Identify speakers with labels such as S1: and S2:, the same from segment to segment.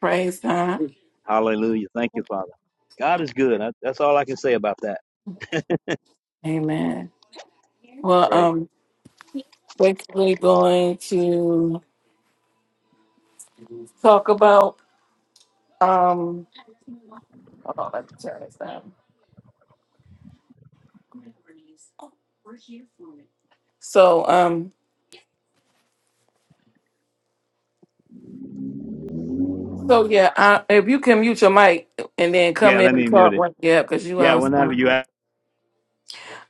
S1: Praise God.
S2: Hallelujah. Thank you, Father. God is good. I, that's all I can say about that.
S1: Amen. Well,
S2: Right.
S1: um, basically going to talk about um hold on, let me turn this down. So um so yeah, I, if you can mute your mic and then
S2: Yeah,
S1: come in
S2: let me
S1: and
S2: mute
S1: talk
S2: it.
S1: when yeah, because you
S2: Yeah, whenever
S1: outside.
S2: you ask.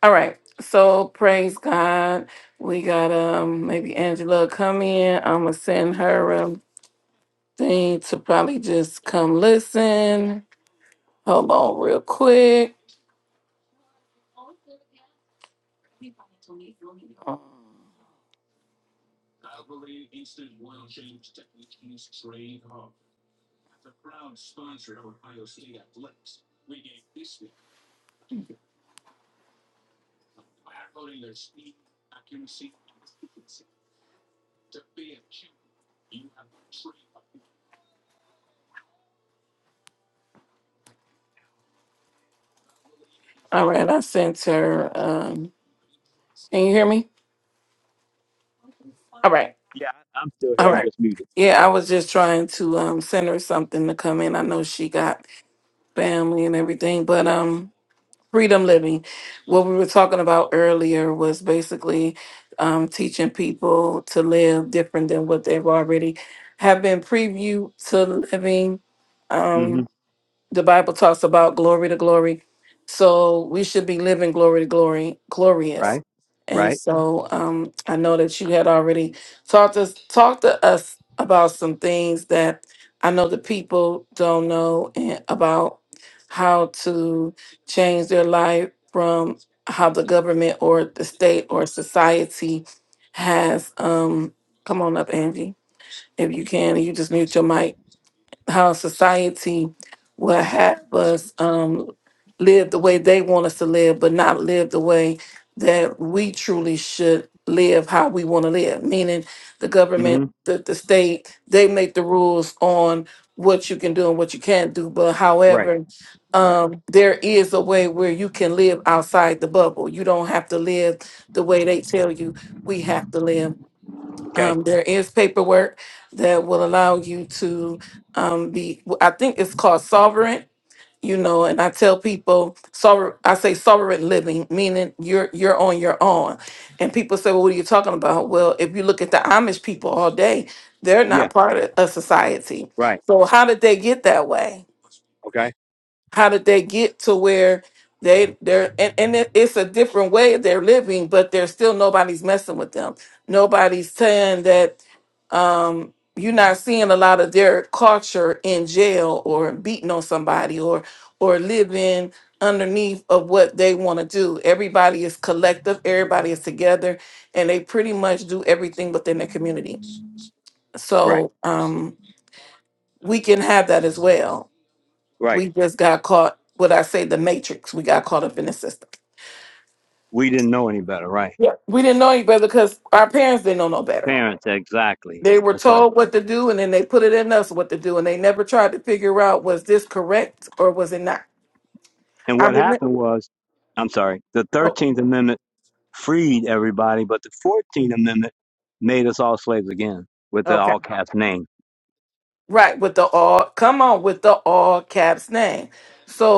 S1: All right. So praise God. We got um maybe Angela come in. I'ma send her a thing to probably just come listen. Hold on real quick. All right, I sent her. Um, can you hear me? All right,
S2: Yeah, I'm still here.
S1: all
S2: I'm
S1: right.
S2: just muted.
S1: Yeah, I was just trying to um send her something to come in. I know she got family and everything, but um, freedom living. What we were talking about earlier was basically um teaching people to live different than what they've already have been previewed to living.
S2: hmm
S1: um, the Bible talks about glory to glory. So we should be living glory to glory, glorious.
S2: Right.
S1: And
S2: Right.
S1: so um, I know that you had already talked to us, talked to us about some things that I know the people don't know and about how to change their life from how the government or the state or society has um come on up, Angie, if you can, you just mute your mic how society will have us um, live the way they want us to live, but not live the way that we truly should live how we want to live. Meaning, the
S2: hmm
S1: government, the, the state, they make the rules on what you can do and what you can't do. But
S2: Right.
S1: however,
S2: Right.
S1: um, there is a way where you can live outside the bubble. You don't have to live the way they tell you we have to live
S2: Okay.
S1: um, there is paperwork that will allow you to um, be, I think it's called sovereign, you know, and I tell people, sovereign, I say sovereign living, meaning you're, you're on your own. And people say, well, what are you talking about? Well, if you look at the Amish people all day, they're
S2: Yeah.
S1: not part of a society.
S2: Right.
S1: So how did they get that way?
S2: Okay.
S1: how did they get to where they they're and, and it, it's a different way they're living but there's still nobody's messing with them nobody's saying that um you're not seeing a lot of their culture in jail or beating on somebody or or living underneath of what they want to do everybody is collective everybody is together and they pretty much do everything within their community
S2: Right.
S1: so um we can have that as well
S2: Right.
S1: we just got caught, what I say, the matrix. We got caught up in the system.
S2: We didn't know any better. Right.
S1: Yeah. We didn't know any better because our parents didn't know no better.
S2: Parents. Exactly.
S1: They were
S2: That's right.
S1: told what to do and then they put it in us what to do. And they never tried to figure out was this correct or was it not?
S2: And
S1: I
S2: what
S1: remember.
S2: happened was, I'm sorry, the 13th Amendment freed everybody, but the 14th Amendment made us all slaves again with the all caps name.
S1: Right, with the all, come on, with the all caps name.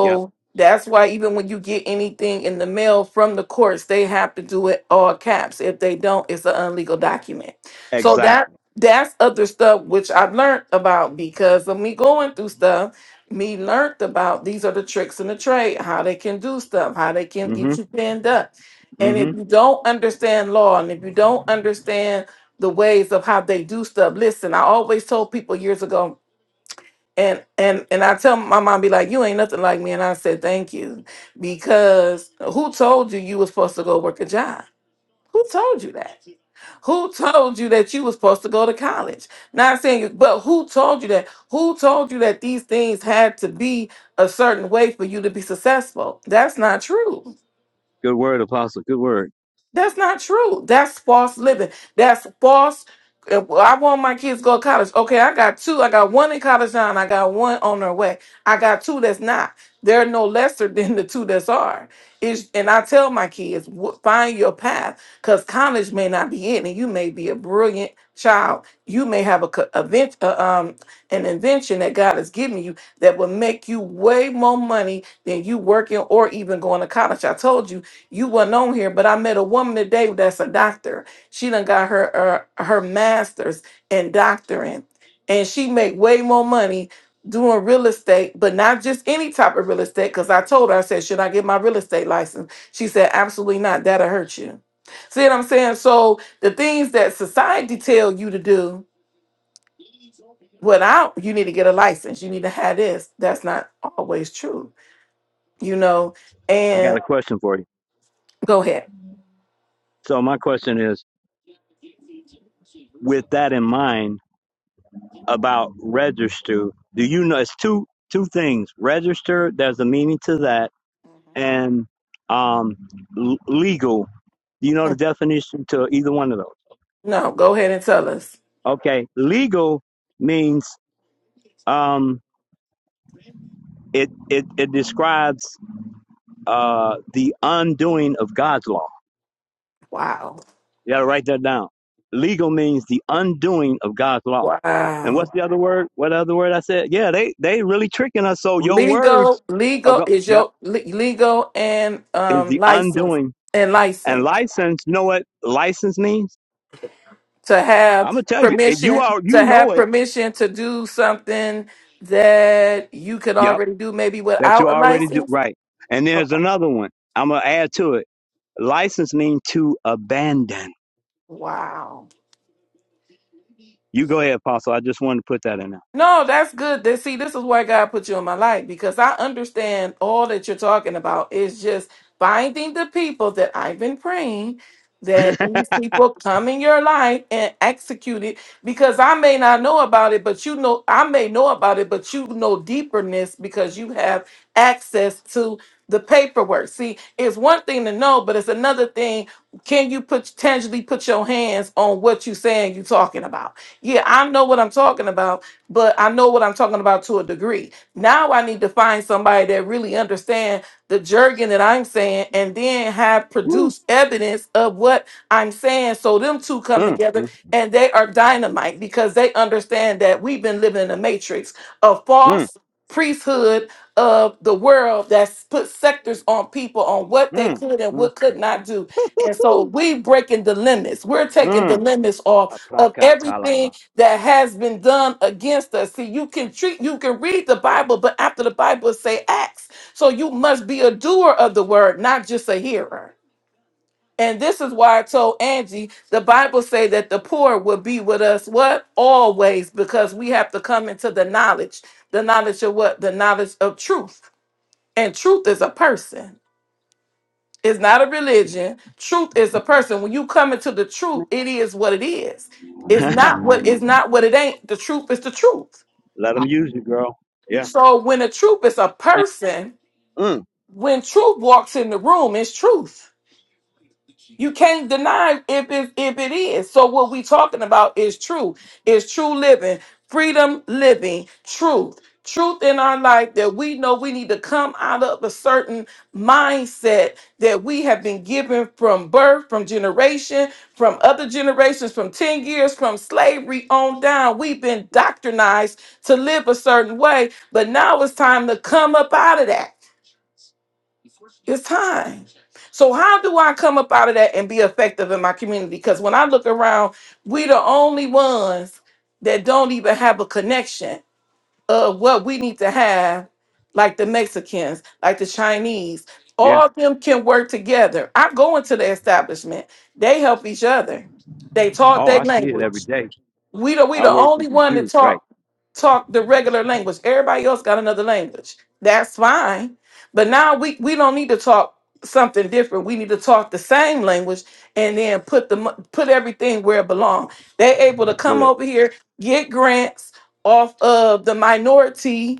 S2: Yep.
S1: that's why even when you get anything in the mail from the courts, they have to do it all caps. If they don't, it's an illegal document. So that
S2: Exactly.
S1: that's other stuff which I've learned about because of me going through stuff. Me learned about these are the tricks in the trade, how they can do stuff, how they can get you pinned up. And
S2: hmm
S1: if you don't understand law, and if you don't understand the ways of how they do stuff. Listen, I always told people years ago, and and and I tell my mom, be like, you ain't nothing like me, and I said thank you, because who told you you was supposed to go work a job? Who told you that? Who told you that you was supposed to go to college? Not saying you, but who told you that? Who told you that these things had to be a certain way for you to be successful? That's not true.
S2: Good word, Apostle. Good word.
S1: That's not true. That's false living. That's false. uh, well, I want my kids to go to college. Okay, I got two. I got one in college now, and I got one on their way. I got two that's not. They're no lesser than the two that's are. It's, and I tell my kids, "W- find your path, because college may not be it, and you may be a brilliant child. You may have a, co- event, uh, um, an invention that God has given you that will make you way more money than you working or even going to college. I told you. You wasn't on here, but I met a woman today that's a doctor. She done got her her, her master's in doctoring, and she make way more money doing real estate, but not just any type of real estate. Because I told her, I said, should I get my real estate license? She said, absolutely not. That'll hurt you. See what I'm saying? So the things that society tell you to do without you need to get a license you need to have this that's not always true you know
S2: I got a
S1: and
S2: question for you.
S1: go ahead
S2: So my question is, with that in mind about register, do you know it's two two things? Register, there's a meaning to that, and um, l- legal. Do you know the definition to either one of those?
S1: No, go ahead and tell us.
S2: Okay, legal means um, it it it describes uh, the undoing of God's law.
S1: Wow.
S2: You gotta write that down. Legal means the undoing of God's law. And what's
S1: Wow.
S2: the other word? What other word I said? Yeah, they they really tricking us. So your words
S1: Legal,
S2: are
S1: legal
S2: go
S1: is
S2: yep,
S1: your le- legal and
S2: is
S1: um
S2: the
S1: license
S2: undoing.
S1: and
S2: And
S1: license
S2: license, you know what license means?
S1: to
S2: I'm gonna
S1: have
S2: tell you. It, you
S1: permission
S2: are you
S1: to
S2: know
S1: have
S2: it,
S1: permission to do something that you could
S2: yep,
S1: already do maybe
S2: that you
S1: without a
S2: already do
S1: license.
S2: right. And there's
S1: Okay.
S2: another one. I'm gonna add to it. License means to abandon.
S1: Wow.
S2: You go ahead, Apostle. I just wanted to put that in
S1: No, that's good. That see, this is why God put you in my life because I understand all that you're talking about. It's just finding the people that I've been praying
S2: there.
S1: that these people come in your life and execute it because I may not know about it, but you know I may know about it, but you know deeperness because you have access to the paperwork. See, it's one thing to know, but it's another thing. Can you put tangibly put your hands on what you're saying you're talking about? Yeah, I know what I'm talking about but I know what I'm talking about to a degree. Now I need to find somebody that really understand the jargon that I'm saying and then have
S2: Woo.
S1: produced evidence of what I'm saying. So them two come
S2: Mm,
S1: together
S2: mm,
S1: and they are dynamite because they understand that we've been living in a matrix, a
S2: mm,
S1: false priesthood of the world that's put sectors on people on what they
S2: mm,
S1: could and
S2: mm,
S1: what could not do. And so we breaking the limits. We're taking
S2: mm.
S1: the limits off of
S2: Apraka
S1: everything
S2: talaba.
S1: that has been done against us. See, you can treat, you can read the Bible, but after the Bible say acts. So you must be a doer of the word, not just a hearer. And this is why I told Angie, the Bible say that the poor will be with us what? Always, because we have to come into the knowledge. The knowledge of what? The knowledge of truth. And truth is a person. It's not a religion. Truth is a person. When you come into the truth,
S3: I
S1: it is what it is. It's not what it's not what it ain't. The truth is the truth.
S2: Let them use you, girl. Yeah.
S1: So when the truth is a
S3: am.
S1: person,
S2: Mm.
S1: when truth walks in the room, it's truth. You can't deny if it, if it is. So what we talking about is true. Is true living, freedom living, truth. Truth in our life that we know we need to come out of a certain mindset that we have been given from birth, from generation, from other generations, from 10 years, from slavery on down. We've been doctrinized to live a certain way, but now it's time to come up out of that. It's time. So how do I come up out of that and be effective in my community? Because when I look around, we the only ones that don't even have a connection of what we need to have, like the Mexicans, like the Chinese.
S2: Yeah.
S1: All of them can work together. I go into the establishment. They help each other. They talk
S2: Oh,
S1: their
S2: I see it
S1: language.
S2: every day.
S1: We the we
S2: I
S1: the
S2: work
S1: only
S2: with the
S1: one that
S2: Jews. Right.
S1: talk talk the regular language. Everybody else got another language. That's fine. But now we we don't need to talk something different. We need to talk the same language and then put the mo- put everything where it belongs. They able to
S2: That's
S1: come
S2: good.
S1: over here get grants off of the minority.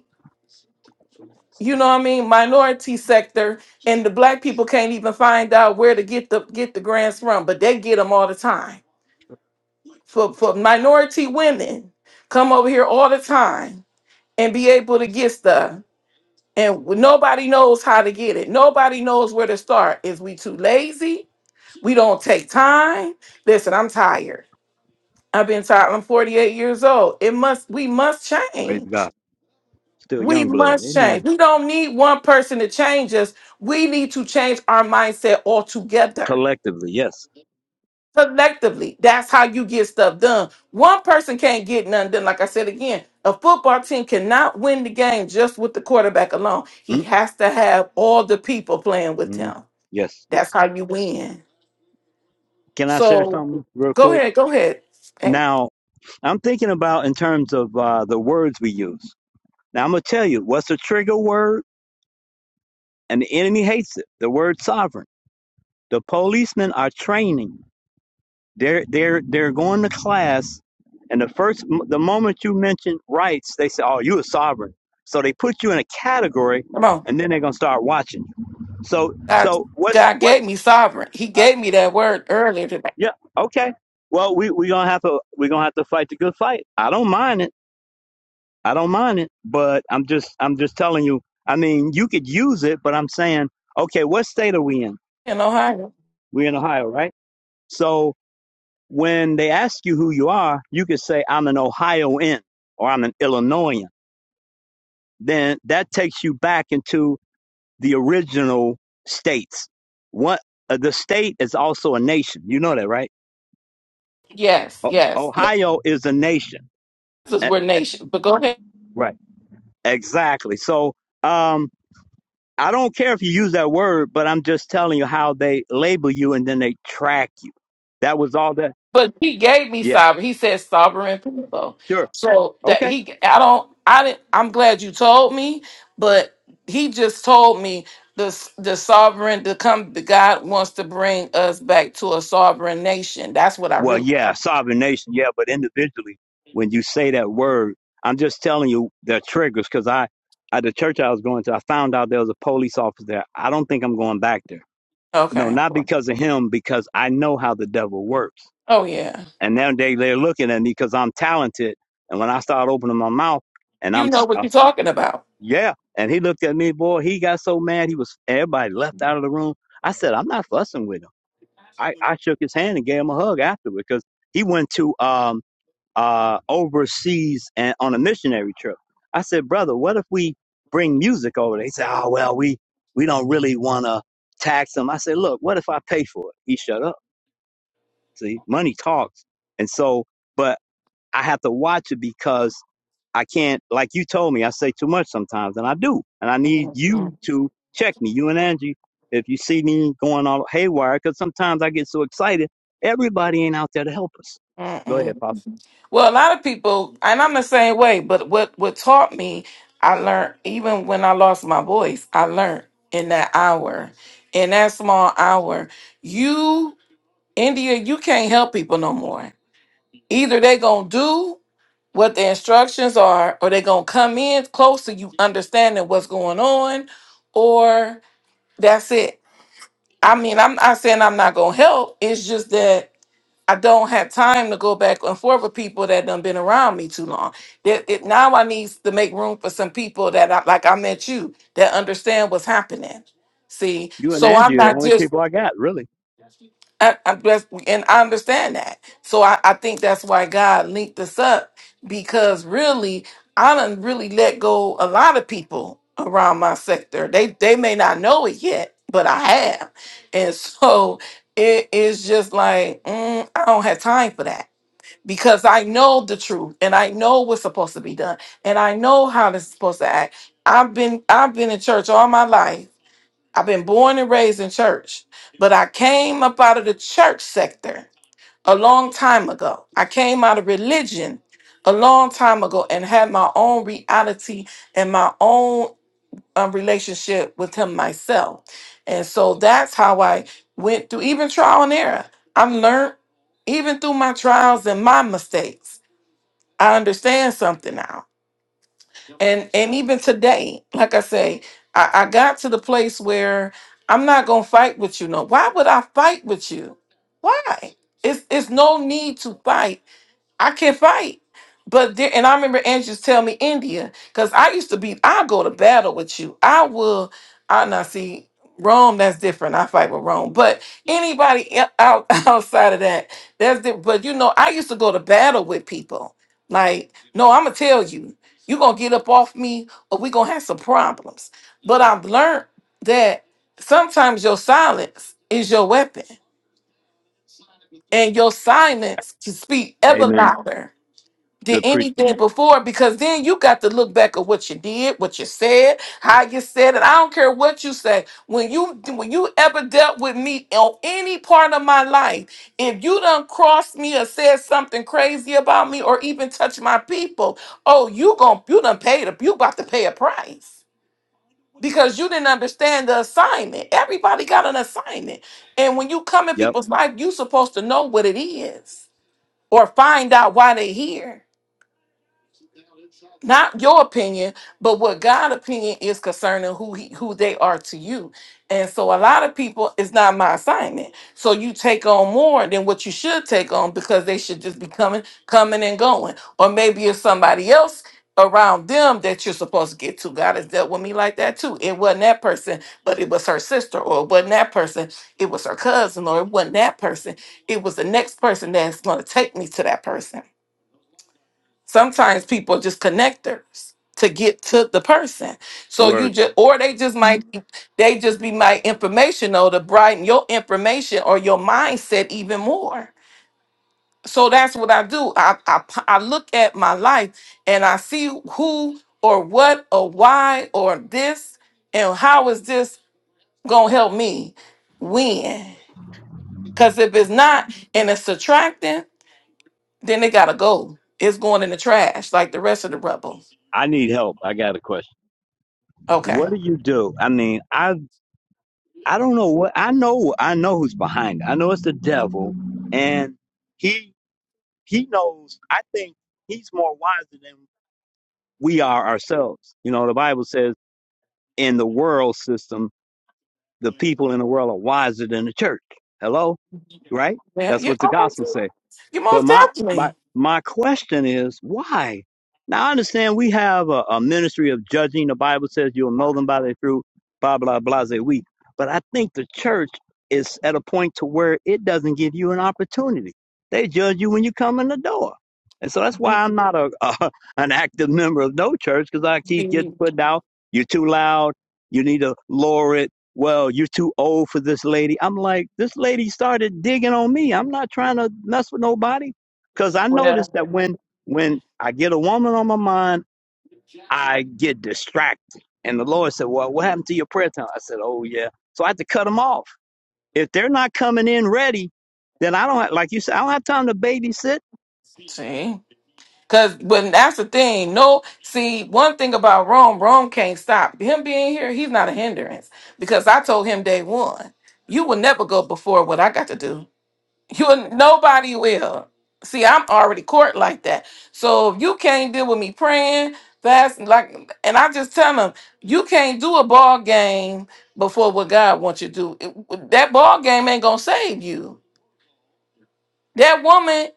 S1: You know what I mean? Minority sector, and the black people can't even find out where to get the get the grants from, but they get them all the time for, for minority women come over here all the time and be able to get stuff. And nobody knows how to get it. Nobody knows where to start. Is we too lazy? We don't take time. Listen, I'm tired. I've been tired. I'm 48 years old. It must, we must
S2: Praise
S1: change.
S2: God. Still
S1: We
S2: young blood.
S1: must change.
S2: Amen.
S1: We don't need one person to change us. We need to change our mindset altogether
S2: Collectively, yes.
S1: collectively. That's how you get stuff done. One person can't get nothing done. Like I said again, a football team cannot win the game just with the quarterback alone. He
S2: mm
S1: has to have all the people playing with
S2: mm.
S1: him.
S2: Yes,
S1: That's
S2: yes.
S1: how you win.
S2: Can I share
S1: So
S2: something real
S1: go
S2: quick?
S1: ahead, go ahead. Hey,
S2: Now, I'm thinking about in terms of uh, the words we use. Now, I'm going to tell you what's a trigger word, and the enemy hates it the word sovereign. The policemen are training. They're they're they're going to class, and the first the moment you mention rights, they say, "Oh, you a sovereign." So they put you in a category,
S1: come on.
S2: and then they're gonna start watching. So
S1: God,
S2: so what's
S1: God gave
S2: what's
S1: me sovereign. He
S2: uh,
S1: gave me that word earlier today
S2: yeah okay. Well, we we gonna have to we gonna have to fight the good fight. I don't mind it. I don't mind it. But I'm just I'm just telling you. I mean, you could use it, but I'm saying, okay, what state are we in?
S1: in Ohio.
S2: We're in Ohio, right? So when they ask you who you are, you can say, I'm an Ohioan or I'm an Illinoisan. Then that takes you back into the original states. What uh, the state is also a nation. You know that, right?
S1: Yes,
S2: O-
S1: yes, yes.
S2: Ohio is a nation.
S1: This is
S2: Eh,
S1: where nation. But go ahead.
S2: Right. Exactly. So, um, I don't care if you use that word, but I'm just telling you how they label you and then they track you. That was all that.
S1: But he gave me
S2: Yeah.
S1: sovereign. He said sovereign people.
S2: Sure.
S1: So that
S2: Okay.
S1: he, I don't, I didn't. I'm glad you told me, but he just told me the s- the sovereign to come. the God wants to bring us back to a sovereign nation. That's what I
S2: Well,
S1: really.
S2: yeah, sovereign nation, yeah, but individually, when you say that word, I'm just telling you the triggers because I, at the church I was going to, I found out there was a police officer there. I don't think I'm going back there. You know,
S1: Okay.
S2: not
S1: well,
S2: because of him, because I know how the devil works.
S1: Oh yeah.
S2: And now they they're looking at me because I'm talented. And when I start opening my mouth, and I'm,
S1: You know
S2: s- I,
S1: what
S2: s-
S1: you're talking about.
S2: yeah, and he looked at me, boy, he got so mad, he was everybody left out of the room. I said, I'm not fussing with him. I, I shook his hand and gave him a hug afterward because he went to um uh, overseas and on a missionary trip. I said, brother, what if we bring music over? They said, oh, well, we, we don't really want to tax them. I said, look, what if I pay for it? He shut up. See, money talks. And so, but I have to watch it because I can't, like you told me, I say too much sometimes and I do. And I need you
S1: Mhm.
S2: to check me, you and Angie, if you see me going all haywire, because sometimes I get so excited. Everybody ain't out there to help us. Go ahead, Pop.
S1: Well, a lot of people, and I'm the same way, but what, what taught me, I learned, even when I lost my voice, I learned in that hour, in that small hour. You, India, you can't help people no more. Either they going to do what the instructions are, or they going to come in close to you, understanding what's going on, or that's it. I mean, I'm not saying I'm not going to help. It's just that I don't have time to go back and forth with people that done been around me too long. That it, now I need to make room for some people that I like. I met you that understand what's happening. See,
S2: You and
S1: so I'm
S2: Angie are the
S1: not
S2: only
S1: just
S2: people I got, really.
S1: I, I'm just, and I understand that. So I, I think that's why God linked us up because really I done really let go a lot of people around my sector. They they may not know it yet, but I have, and so it is just like mm, I don't have time for that because I know the truth and I know what's supposed to be done and I know how this is supposed to act. I've been I've been in church all my life. I've been born and raised in church, but I came up out of the church sector a long time ago. I came out of religion a long time ago and had my own reality and my own um, relationship with him myself. And so that's how I went through even trial and error. I've learned even through my trials and my mistakes. I understand something now. And and even today, like I say, I, I got to the place where I'm not gonna fight with you. No, why would I fight with you? Why? It's it's no need to fight I can't fight. But there, and I remember Andrews tell me India, because I used to be, I go to battle with you. I will, I now see Rome, that's different. I fight with Rome, but anybody e- out outside of that, that's different. But you know, I used to go to battle with people. Like, no, I'm gonna tell you, you gonna get up off me, or we gonna have some problems. But I've learned that sometimes your silence is your weapon, and your silence can speak ever
S2: Amen.
S1: louder did
S2: Good preaching.
S1: anything before because then you got to look back at what you did, what you said, how you said it. I don't care what you say. When you when you ever dealt with me on any part of my life, if you done crossed me or said something crazy about me or even touched my people, oh, you gon' you done paid a you about to pay a price. Because you didn't understand the assignment. Everybody got an assignment. And when you come in
S2: Yep.
S1: people's life, you supposed to know what it is or find out why they here not your opinion, but what God' opinion is concerning who he, who they are to you. And so a lot of people, it's not my assignment. So you take on more than what you should take on because they should just be coming, coming and going. Or maybe it's somebody else around them that you're supposed to get to. God has dealt with me like that too. It wasn't that person, but it was her sister, or it wasn't that person, it was her cousin, or it wasn't that person. It was the next person that's going to take me to that person sometimes people are just connectors to get to the person. So you
S2: Word.
S1: just or they just might Mhm. they just be my informational to brighten your information or your mindset even more. So that's what I do. I, I p- I look at my life and I see who or what or why or this and how is this gonna help me win? Because if it's not and it's attracting, then it gotta go. It's going in the trash like the rest of the rubble.
S2: I need help. I got a question.
S1: Okay.
S2: What do you do? I mean, I I don't know what I know. I know who's behind. It. I know it's the devil, and he he knows. I think he's more wiser than we are ourselves. You know, the Bible says in the world system, the people in the world are wiser than the church. Hello, right?
S1: Yeah,
S2: That's
S1: you,
S2: what the
S1: oh, I
S2: gospel says.
S1: you
S2: But
S1: most
S2: my my
S1: definitely.
S2: my question is why? Now I understand we have a, a ministry of judging. The Bible says you'll know them by their fruit. Blah blah blah. Say we. But I think the church is at a point to where it doesn't give you an opportunity. They judge you when you come in the door, and so that's
S1: Be-
S2: why I'm not a, a an active member of no church because I keep getting
S1: be-
S2: put down. You're too loud. You need to lower it well, you're too old for this lady. I'm like, this lady started digging on me. I'm not trying to mess with nobody. Cause I noticed
S1: Well,
S2: that when when I get a woman on my mind, I get distracted. And the Lord said, Well, what happened to your prayer time? I said, Oh yeah. So I had to cut them off. If they're not coming in ready, then I don't have, like you said, I don't have time to babysit.
S1: see, because but that's the thing. No, see, one thing about Rome, Rome can't stop him being here. He's not a hindrance because I told him day one, you will never go before what I got to do. You nobody will. See, I'm already court like that. So if you can't deal with me praying, fasting, like, and I just tell them you can't do a ball game before what God wants you to do. It- that ball game ain't gonna save you that woman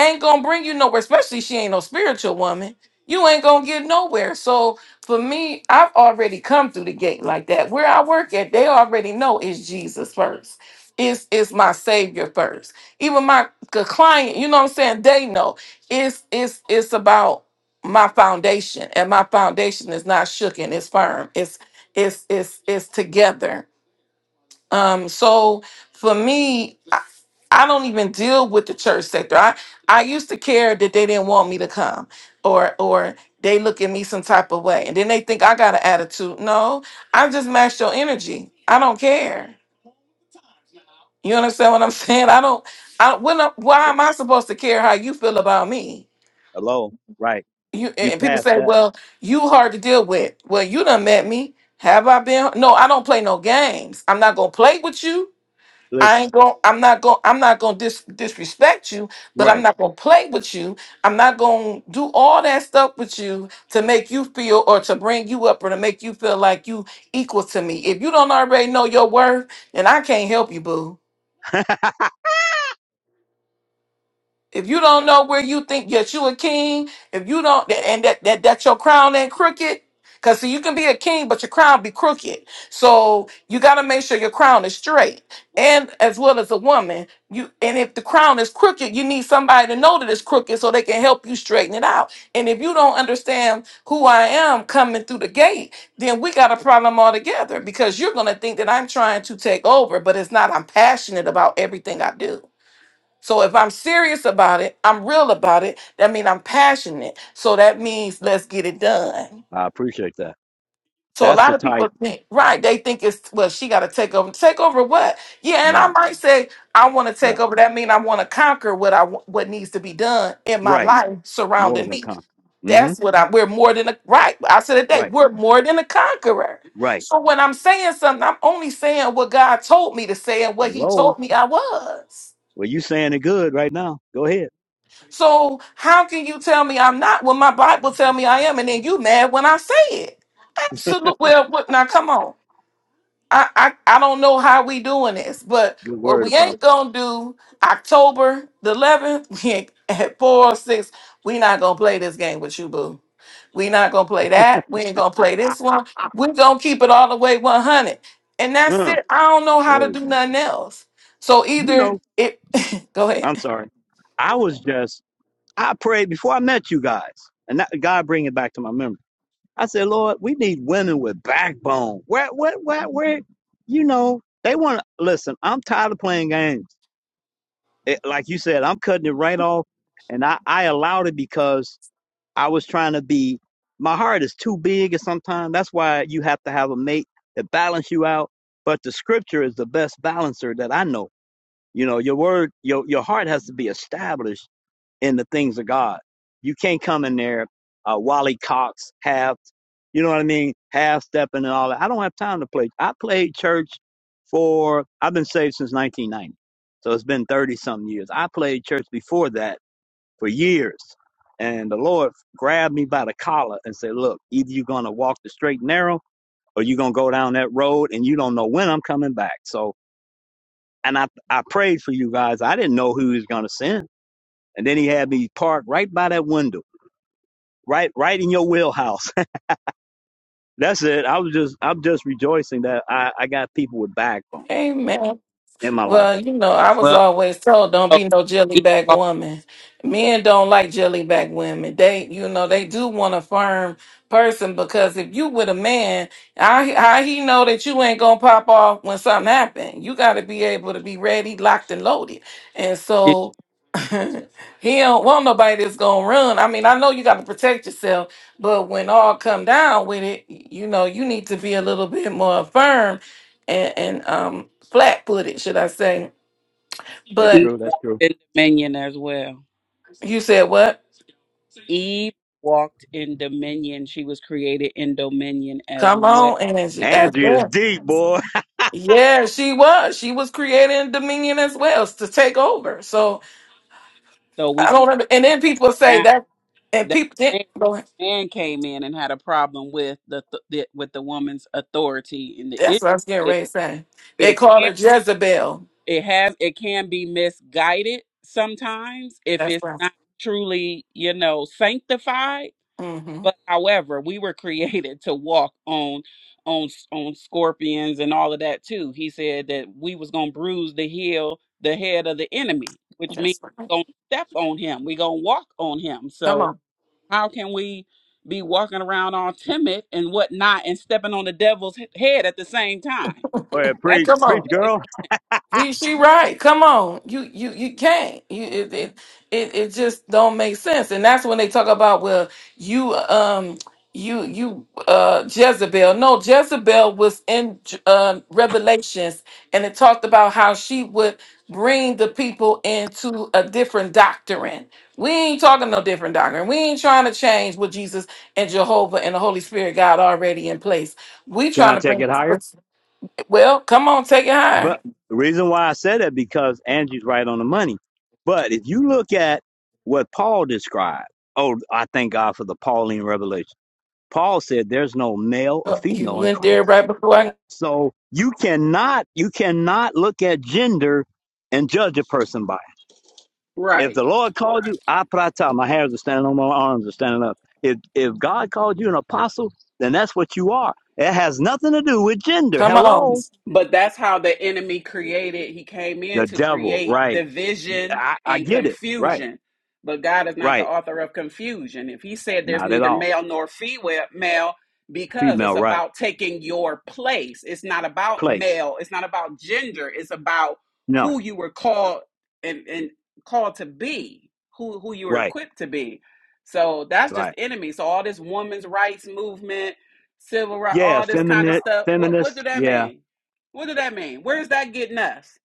S1: ain't gonna bring you nowhere, especially she ain't no spiritual woman. You ain't gonna get nowhere. So for me, I've already come through the gate like that. Where I work at, they already know it's Jesus first. It's it's my savior first. Even my c- client, you know what I'm saying? They know it's it's it's about my foundation, and my foundation is not shooken. It's firm. It's it's it's it's together. Um. So for me, I don't even deal with the church sector. I I used to care that they didn't want me to come or or they look at me some type of way and then they think I got an attitude. No, I just matched your energy. I don't care. You understand what I'm saying? I don't I when I- why
S2: Oh
S1: am
S2: yeah.
S1: I supposed to care how you feel about me?
S2: Hello. Right.
S1: You
S2: You
S1: and people
S2: passed
S1: say,
S2: that.
S1: "Well, you hard to deal with." Well, you done met me. Have I been? No, I don't play no games. I'm not going to play with you. I
S2: Listen.
S1: ain't going I'm not going I'm not going to dis- disrespect you, but I'm
S2: Right.
S1: not going to play with you. I'm not going to do all that stuff with you to make you feel or to bring you up or to make you feel like you equal to me. If you don't already know your worth, then I can't help you, boo.
S2: I
S1: If you don't know where you think that you a king, if you don't, and that that, that your crown ain't crooked, because see, you can be a king, but your crown be crooked. So you got to make sure your crown is straight, and as well as a woman. You and if the crown is crooked, you need somebody to know that it's crooked so they can help you straighten it out. And if you don't understand who I am coming through the gate, then we got a problem altogether because you're gonna think that I'm trying to take over, but it's not. I'm passionate about everything I do. So if I'm serious about it, I'm real about it, that means I'm passionate. So that means let's get it done.
S2: appreciate that.
S1: So a
S2: That's
S1: lot
S2: the
S1: of
S2: type.
S1: people think, right, they think it's well, she gotta take over. Take over what? Yeah, and
S2: now.
S1: I might say I want to
S2: Yeah.
S1: take over. That means I want to conquer what I wa- what needs to be done in my
S2: Right.
S1: life
S2: More
S1: surrounding
S2: than
S1: me.
S2: confident. Mm-hmm.
S1: That's what I we're more than a right. I said today,
S2: Right.
S1: we're more than a conqueror.
S2: Right.
S1: So when I'm saying something, I'm only saying what God told me to say and what He
S2: Hello.
S1: told me I was.
S2: Well, you saying it good right now. Go ahead.
S1: So how can you tell me I'm not when my Bible tell me I am, and then you mad when I say it? Absolutely. Well, what, now come on. I, I I don't know how we doing this, but
S2: Good
S1: what
S2: word,
S1: we
S2: Apostle.
S1: ain't gonna do October the 11th we ain't, at four or six. We not gonna play this game with you, boo. We not gonna play that. We ain't gonna play this one. We gonna keep it all the way 100, and that's
S2: Mm.
S1: it. I don't know how to
S2: Praise
S1: do
S2: God.
S1: nothing else. So
S2: You
S1: either
S2: know,
S1: it. go ahead.
S2: I'm sorry. I was just, I prayed before I met you guys, and that, God bring it back to my memory. I said, Lord, we need women with backbone. Where, where, where, where, you know, they want to listen. I'm tired of playing games. It, like you said, I'm cutting it right off, and I, I allowed it because I was trying to be my heart is too big and sometimes that's why you have to have a mate that balance you out. But the scripture is the best balancer that I know. You know, your word your your heart has to be established in the things of God. You can't come in there uh Wally Cox half you know what I mean, half stepping and all that. I don't have time to play. I played church for I've been saved since nineteen ninety. So it's been thirty something years. I played church before that for years. And the Lord grabbed me by the collar and said, Look, either you're going to walk the straight and narrow or you're going to go down that road and you don't know when I'm coming back. So, and I, I prayed for you guys. I didn't know who he was going to send. And then he had me parked right by that window, right, right in your wheelhouse. That's it. I was just, I'm just rejoicing that I, I got people with backbone
S1: Amen.
S2: in my life.
S1: Well, you know, I was
S3: Well, you
S1: always told don't
S3: know,
S1: be no
S3: Eve
S1: jellyback
S3: walked,
S1: woman. Men don't like jellyback women. They, you know, they do want a firm person because if you with a man, how he, how he know that you ain't gonna pop off when something happen? You got to be able to be ready, locked and loaded. And
S3: did-
S1: so he don't want nobody that's gonna run. I mean, I know you got to protect yourself, but when all come down with it, you know, you need to be a little bit more firm and, and um flat footed, should I say.
S2: That's
S1: But
S2: true.
S3: Eve
S2: That's
S3: walked
S2: true.
S3: in dominion as well.
S1: you said what?
S3: Eve walked in dominion. She was created in dominion as
S1: Come
S3: well.
S1: on, and as
S2: Andrew is
S1: well.
S2: deep, boy.
S1: Yeah, she was. She was creating dominion as well to take over. So
S3: So we
S1: I
S3: came
S1: don't under- and then people say
S3: down.
S1: that and
S3: That
S1: people then
S3: man,
S1: go ahead.
S3: man came in and had a problem with the, th- the with the woman's authority, and the
S1: that's
S3: issue
S1: what I was getting
S3: is
S1: ready to say. They
S3: it
S1: call her
S3: can
S1: Jezebel.
S3: it has it can be misguided sometimes if
S1: That's
S3: it's
S1: right.
S3: not truly you know sanctified
S1: Mm-hmm.
S3: But however, we were created to walk on on on scorpions and all of that too. He said that we was gonna bruise the heel, the head of the enemy, which means
S1: That's right.
S3: we gonna step on him. We gonna walk on him.
S1: Come
S3: So
S1: on.
S3: how can we be walking around all timid and whatnot and stepping on the devil's he- head at the same time?
S2: Go ahead,
S3: That
S2: preach,
S1: Come on.
S2: preach, girl.
S1: You, she right. Come on, you you you can't. You it, it it it just don't make sense. And that's when they talk about well, you um you you uh Jezebel. No, Jezebel was in uh, Revelations, and it talked about how she would bring the people into a different doctrine. We ain't talking no different doctrine. We ain't trying to change what Jesus and Jehovah and the Holy Spirit God already in place. We
S2: Can
S1: trying
S2: I
S1: to
S2: take
S1: bring.
S2: it higher?
S1: Well, come on, take it higher.
S2: But the reason why I said that because Angie's right on the money. But if you look at what Paul described, oh, I thank God for the Pauline revelation. Paul said there's no male or
S1: Oh, You
S2: female in
S1: went there
S2: Christ.
S1: right before I
S2: So you cannot you cannot look at gender and judge a person by it. If
S3: Right.
S2: the Lord called you, I prata, my hairs are standing on my arms are standing up. If if God called you an apostle, then that's what you are. It has nothing to do with gender.
S1: come on.
S2: Hello,
S3: But that's how the enemy created. He came in
S2: the
S3: to
S2: devil,
S3: create
S2: right?
S3: division
S2: I, I
S3: and
S2: get it. Right.
S3: confusion. But God is not the
S2: Right.
S3: author of confusion. If he said there's
S2: Not at
S3: neither
S2: all.
S3: male nor female, male, because it's
S2: Female. Right.
S3: about taking your place. It's not about
S2: Place.
S3: male. It's not about gender. It's about
S2: No.
S3: who you were called and, and called to be, who who you were
S2: Right.
S3: equipped to be. So that's just
S2: Right.
S3: enemy. So all this women's rights movement, civil right,
S2: Yeah.
S3: all this kind of
S2: Feminine.
S3: stuff. What what
S2: Feminist.
S3: do that
S2: Yeah.
S3: mean? What does that mean? Where's that getting us?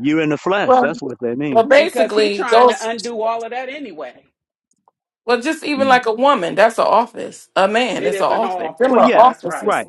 S2: You in the flesh.
S1: Well,
S2: That's what they mean.
S1: well,
S3: Because he
S1: basically,
S3: trying to
S1: those.
S3: undo all of that anyway.
S1: Well, just even
S2: Mm.
S1: like a woman, that's an office. A man,
S3: It
S1: it's an
S3: is an
S1: office. Them
S2: Well,
S3: office.
S1: are
S2: yeah.
S3: That's right.
S1: offices.
S2: Right.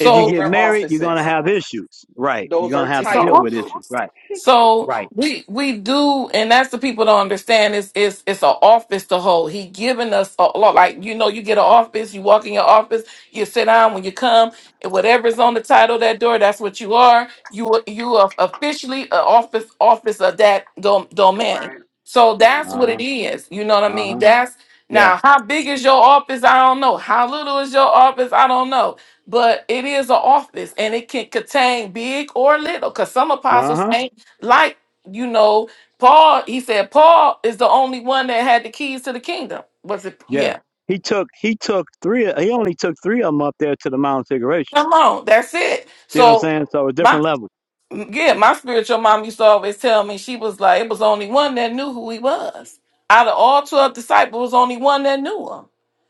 S2: If you
S3: Those
S2: get
S3: are
S2: married, you're gonna
S3: offices.
S2: have issues. Right. You're
S3: Those are
S2: gonna have
S1: It's
S2: to
S1: so
S2: deal with
S3: titles.
S2: issues.
S1: office.
S2: Right.
S1: So
S2: Right.
S1: we we do, and that's the people don't understand. It's it's it's an office to hold. He giving us a lot. Like you know, you get an office. You walk in your office. You sit down when you come, and whatever's on the title of that door, that's what you are. You are- you are officially an office office of that dom- domain.
S3: Right.
S1: So
S3: Right.
S1: that's
S2: Uh
S1: what
S2: huh.
S1: it is. You know what I
S2: Uh
S1: mean?
S2: huh.
S1: That's
S2: Yeah.
S1: now how big is your office? I don't know. How little is your office? I don't know but it is an office and it can contain big or little because some
S2: Uh
S1: apostles
S2: huh.
S1: ain't like you know paul he said paul is the only one that had the keys to the kingdom was it
S2: Yeah.
S1: yeah
S2: He took. He took three. He only took three of them up there to the Mount of Figuration.
S1: come on that's it
S2: See what I'm
S1: so
S2: saying? So a
S1: my
S2: different level.
S1: yeah my spiritual mom used to always tell me she was like it was only one that knew who he was out of all 12 disciples only one that knew him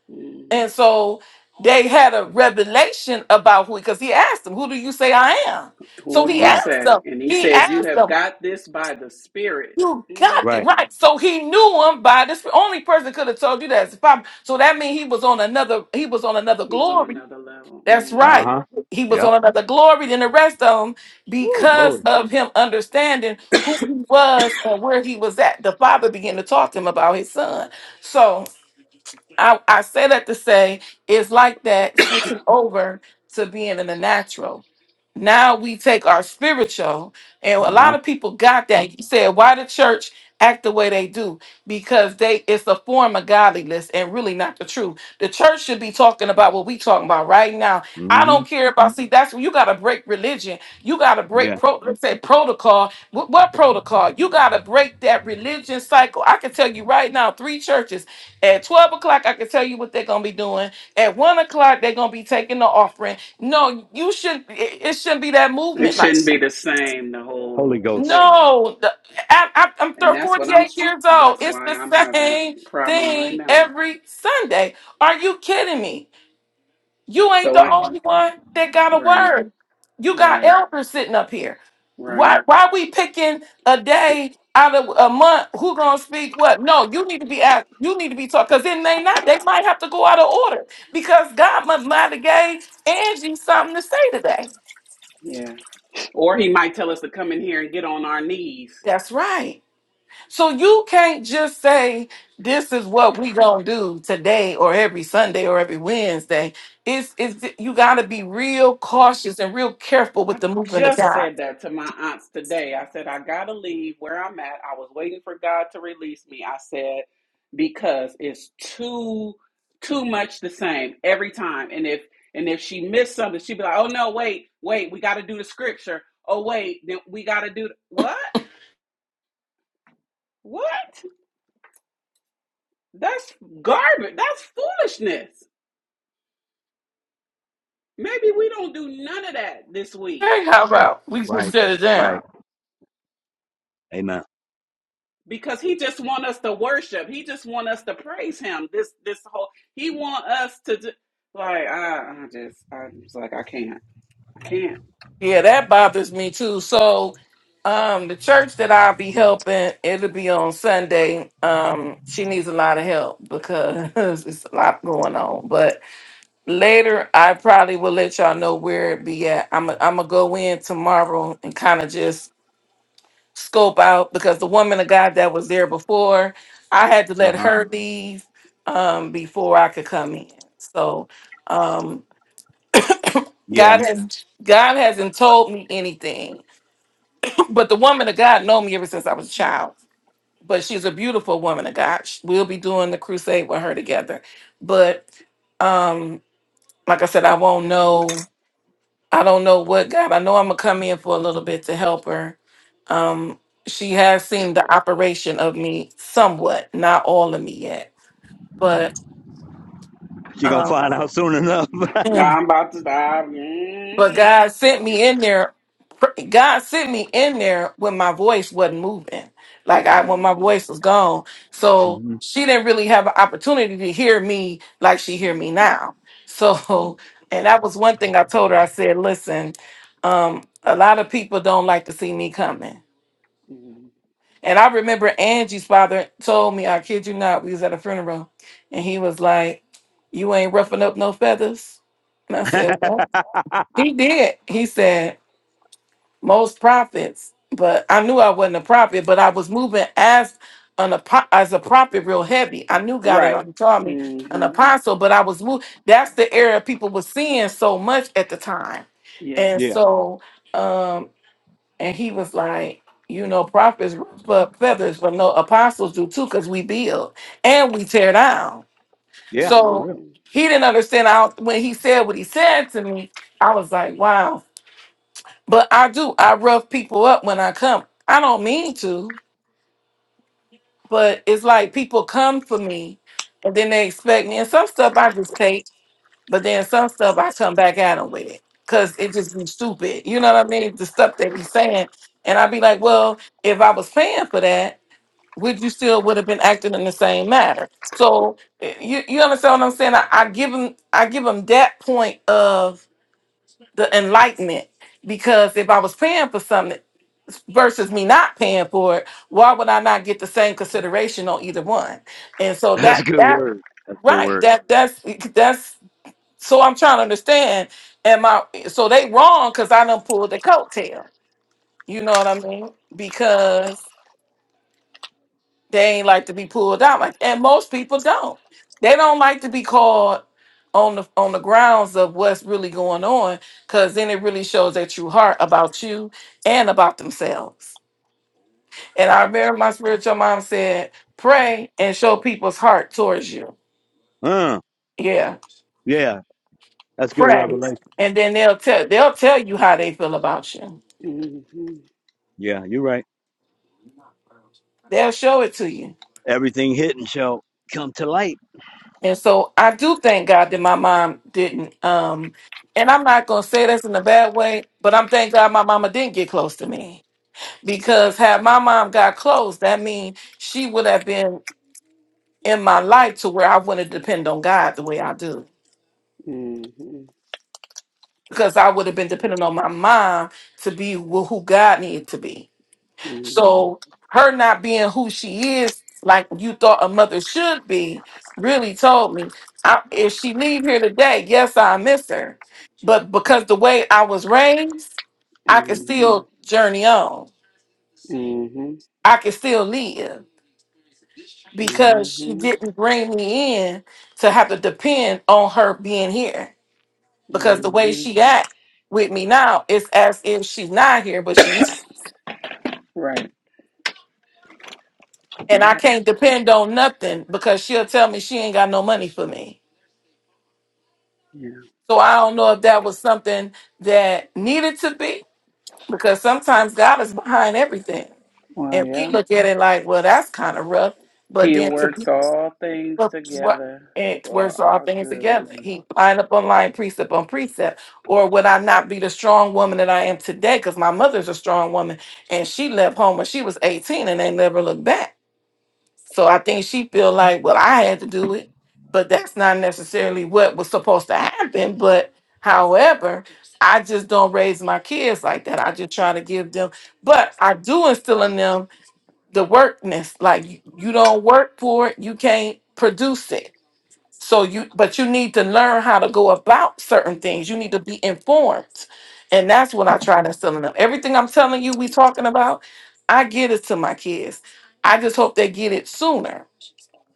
S3: Mm.
S1: And so they had a revelation about who, because he asked them, Who do you say I am?
S3: Who
S1: So
S3: do
S1: he
S3: you
S2: Right.
S1: asked
S3: say?
S1: them,
S3: And he
S1: He
S3: said, You
S1: asked
S3: have
S1: them,
S3: got this by the Spirit.
S1: You
S3: Mm.
S1: got it
S2: Right.
S1: right. So he knew him by this. Only person could have told you that is the problem. So that means he was on another, he was on another
S3: He was on
S1: glory.
S3: another level.
S1: That's
S2: Uh
S3: hmm
S1: right.
S2: huh.
S1: He was
S2: Yeah.
S1: on another glory than the rest of them
S2: Woo,
S1: because
S2: glory.
S1: of him understanding who he was and where he was at. The father began to talk to him about his son. So I, I say that to say it's like that switching over to being in the natural. Now we take our spiritual, and a
S2: Uh
S1: lot
S2: huh.
S1: of people got that. You said, why the church act the way they do? Because they it's a form of godliness and really not the truth. The church should be talking about what we talking about right now. I
S2: hmm
S1: don't care about see that's when you gotta break religion. You gotta break
S2: Yeah.
S1: pro let's say protocol. What, what protocol? You gotta break that religion cycle. I can tell you right now, three churches at 12 o'clock, I can tell you what they're going to be doing. At 1 o'clock, they're going to be taking the offering. No, you should, it, it shouldn't be that
S3: It
S1: movement. Like,
S3: shouldn't be
S1: that.
S3: the same, the
S2: Holy
S3: whole.
S2: Ghost.
S3: Every,
S1: no, the- I, I, I'm
S3: and
S1: thir-
S3: that's what I'm,
S1: 48 years old.
S3: that's
S1: It's
S3: why
S1: the
S3: I'm having a
S1: same
S3: problem right
S1: thing
S3: now.
S1: every Sunday. Are you kidding me? You ain't
S3: So
S1: the
S3: I,
S2: Mm.
S1: only one that got a
S3: right,
S1: word. You got
S3: right,
S1: elders sitting up here.
S3: right.
S1: Why why we picking a day out of a month who gonna speak what? No, you need to be asked. you need to be taught because then they not, they might have to go out of order because God mu- might have gave Angie something to say today.
S3: Yeah. Or he might tell us to come in here and get on our knees.
S1: That's right. So you can't just say this is what we gonna do today or every Sunday or every Wednesday. It's it's you gotta be real
S3: I,
S1: cautious and real careful
S3: I
S1: with the movement of
S3: just
S1: God
S3: said that to my aunts today. I said, I gotta leave where I'm at. I was waiting for God to release me. I said, because it's too too much the same every time. And if and if she missed something, she'd be like, Oh no, wait, wait, we gotta do the scripture. Oh wait, then we gotta do the, what? What? That's garbage. That's foolishness. Maybe we don't do none of that this week.
S1: Hey, how about we just
S2: Right.
S1: shut it down?
S2: Right. Amen.
S3: because he just want us to worship. He just want us to praise him. This this whole he want us to ju- like I, I just I just like I can't I can't.
S1: Yeah, that bothers me too. So, um, the church that I'll be helping, it'll be on Sunday. Um, she needs a lot of help because it's a lot going on. But later, I probably will let y'all know where it be at. I'm i I'm gonna go in tomorrow and kind of just scope out because the woman of God that was there before, I had to
S2: Uh
S1: let
S2: huh.
S1: her leave um before I could come in. So. Um,
S2: Yeah.
S1: God has God hasn't told me anything, but the woman of God know me ever since I was a child. But she's a beautiful woman of God. Sh- We'll be doing the crusade with her together. But um, like I said, I won't know. I don't know what God. I know I'm gonna come in for a little bit to help her. Um, she has seen the operation of me somewhat, not all of me yet, but
S2: You're going to
S1: um,
S2: find out soon enough.
S3: I'm about to die.
S1: But
S3: mm
S1: God sent me in there. God sent me in there when my voice wasn't moving. Like I, when
S3: hmm
S1: my voice was gone. So
S2: hmm
S1: she didn't really have an opportunity to hear me like she hear
S3: hmm
S1: me now. So, and that was one thing I told her. I said, listen, um, a lot of people don't like to see me coming.
S3: hmm
S1: And I remember Angie's father told me, I kid you not, we was at a funeral and he was like, you ain't roughing up no feathers. And I said, well, he did. He said, most prophets, but I knew I wasn't a prophet, but I was moving as an apo- as a prophet real heavy. I knew God had
S3: Right.
S1: already called me an
S3: hmm
S1: apostle, but I was moving. That's the area people were seeing so much at the time.
S3: Yeah.
S1: And
S2: yeah.
S1: so, um, and he was like, you know, prophets ruffle up feathers, but no apostles do too, because we build and we tear down.
S2: Yeah.
S3: hmm
S2: For
S1: So
S2: real.
S3: hmm
S1: he didn't understand. I, when he said what he said to me, I was like, wow. But I do. I rough people up when I come. I don't mean to, but it's like people come for me and then they expect me. And some stuff I just take, but then some stuff I come back at them with it because it just be stupid. You know what I mean? The stuff they be saying. And i be like, well, if I was paying for that, would you still would have been acting in the same manner? So eh, you, you understand what I'm saying? I, I give them I give them that point of the enlightenment because if I was paying for something versus me not paying for it, why would I not get the same consideration on either one? And so
S2: That's a
S1: that
S2: good
S1: that
S2: word. That's a good
S1: right
S2: word.
S1: that that's that's so I'm trying to understand. Am I so they wrong because I done pulled the coattail? You know what I mean? Because they ain't like to be pulled out like and most people don't. They don't like to be called on the on the grounds of what's really going on because then it really shows their true heart about you and about themselves. And I remember my spiritual mom said, pray and show people's heart towards you.
S2: Uh,
S1: Yeah.
S2: yeah. That's good
S1: Pray.
S2: revelation.
S1: And then they'll tell they'll tell you how they feel about you.
S3: hmm
S2: Yeah. You're right.
S1: They'll show it to you
S2: Everything hidden shall come to light.
S1: And so I do thank God that my mom didn't. Um, and I'm not gonna say this in a bad way, but I'm thank God my mama didn't get close to me because had my mom got close, that means she would have been in my life to where I wouldn't depend on God the way I do
S3: hmm
S1: because I would have been dependent on my mom to be wh- who God needed to be.
S3: hmm
S1: So her not being who she is, like you thought a mother should be, really told me I, if she leave here today, yes, I miss her, but because the way I was raised, I could still journey on. I could still live because she
S3: hmm
S1: didn't bring me in to have to depend on her being here. Because the way
S3: hmm
S1: she act with me now, it's as if she's not here, but she's
S3: Right.
S1: and I
S3: Yeah.
S1: can't depend on nothing because she'll tell me she ain't got no money for me
S3: Yeah.
S1: So I don't know if that was something that needed to be because sometimes God is behind everything.
S3: Well,
S1: And we
S3: yeah.
S1: look at it like, well, that's kind of rough. But
S3: He
S1: then to
S3: works
S1: be
S3: all things
S1: rough is what
S3: together
S1: it works
S3: for
S1: all
S3: our
S1: things
S3: good.
S1: together. He line up on line, precept on precept. Or would I not be the strong woman that I am today? Because my mother's a strong woman and she left home when she was 18 and they never looked back. So I think she feel like, well, I had to do it, but that's not necessarily what was supposed to happen. But however, I just don't raise my kids like that. I just try to give them, but I do instill in them the workness. Like you, you don't work for it, you can't produce it. So you, but you need to learn how to go about certain things. You need to be informed, and that's what I try to instill in them. Everything I'm telling you, we talking about, I get it to my kids I just hope they get it sooner.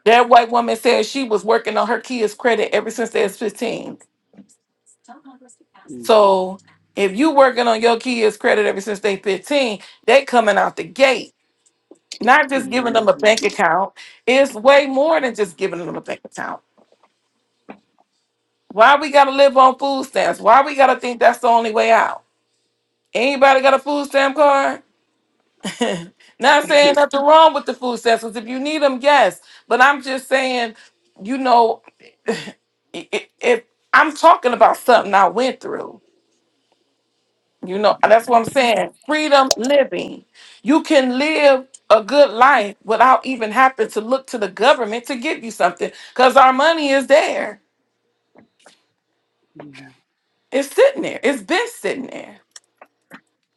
S1: That white woman said she was working on her kids' credit ever since they was 15.
S3: Mm,
S1: So if you working on your kids' credit ever since they 15, they coming out the gate. Not just giving them a bank
S3: mhm,
S1: account. It's way more than just giving them a bank account. Why we gotta live on food stamps? Why we gotta think that's the only way out? Anybody got a food stamp card? Not saying nothing wrong with the food stamps. If you need them, yes. But I'm just saying, you know, i- i- if I'm talking about something I went through, you know, that's what I'm saying. Freedom living. You can live a good life without even having to look to the government to give you something because our money is there.
S3: Yeah.
S1: It's sitting there. It's been sitting there.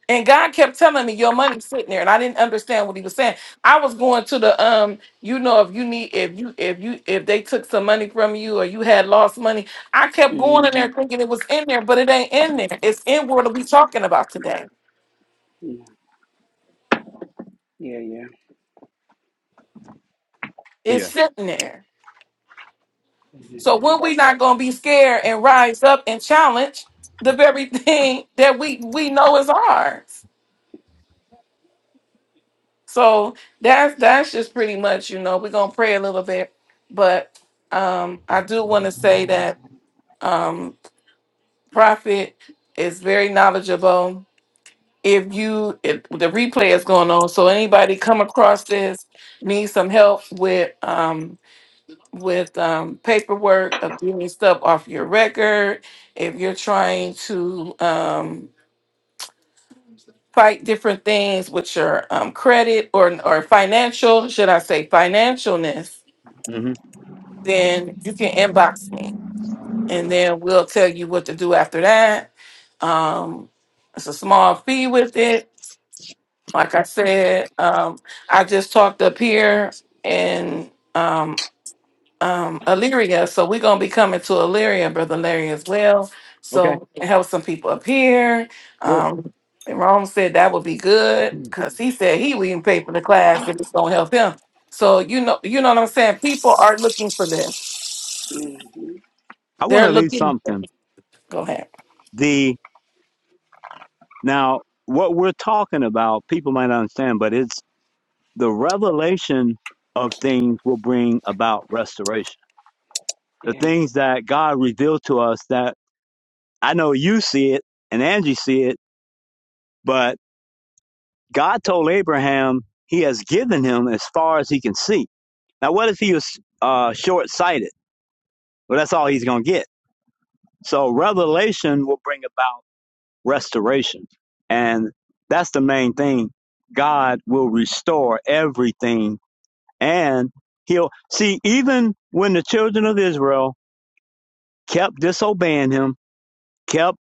S1: And God kept telling me your money's sitting there, and I didn't understand what He was saying. I was going to the um, you know, if you need, if you, if you, if they took some money from you or you had lost money, I kept going in there
S3: mhm,
S1: thinking it was in there, but it ain't in there. It's in what are we talking about today?
S3: Yeah. Yeah. Yeah.
S1: It's
S2: Yeah.
S1: sitting there. So
S3: mhm,
S1: when we not gonna be scared and rise up and challenge the very thing that we we know is ours. So that's that's just pretty much, you know, we're gonna pray a little bit, but um, I do want to say that um, prophet is very knowledgeable. If you, if the replay is going on, so anybody come across this, need some help with um, with um, paperwork of getting stuff off your record. If you're trying to um, fight different things with your um, credit or or financial, should I say financialness,
S2: hmm
S1: then you can inbox me. and then we'll tell you what to do after that. Um, it's a small fee with it. Like I said, um, I just talked up here in um, um, Illyria, so we're gonna be coming to Illyria, brother Larry, as well.
S2: Okay.
S1: So we can help some people up here.
S2: Sure.
S1: Um, and Rome said that would be good
S2: I
S1: because he said he would even pay for the class if it's gonna help him. So you know, you know what I'm saying. People are looking for this.
S3: mhm,
S2: want
S1: They're
S2: to leave
S1: looking.
S2: something.
S1: Go ahead.
S2: The now what we're talking about, people might not understand, but it's the revelation of things will bring about restoration. The
S3: yeah.
S2: things that God revealed to us that I know you see it and Angie see it, but God told Abraham he has given him as far as he can see. Now, what if he was uh, short sighted? Well, that's all he's going to get. So, revelation will bring about restoration. And that's the main thing. God will restore everything and he'll see, even when the children of Israel kept disobeying him, kept,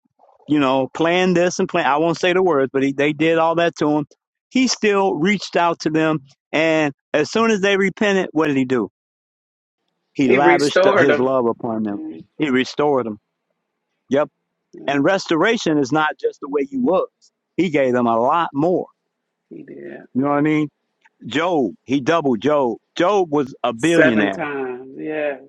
S2: you know, playing this and playing. I won't say the words, but he, they did all that to him. He still reached out to them. And as soon as they repented, what did he do? He
S3: He
S2: lavished
S3: restored
S2: his
S3: them.
S2: love upon them.
S3: Mm,
S2: He restored them. Yep.
S3: Yeah,
S2: And restoration is not just the way you was. He gave them a lot more.
S3: he did
S2: You know what I mean? Job, he doubled Job. Job was a
S3: seven
S2: billionaire
S3: times. Yeah.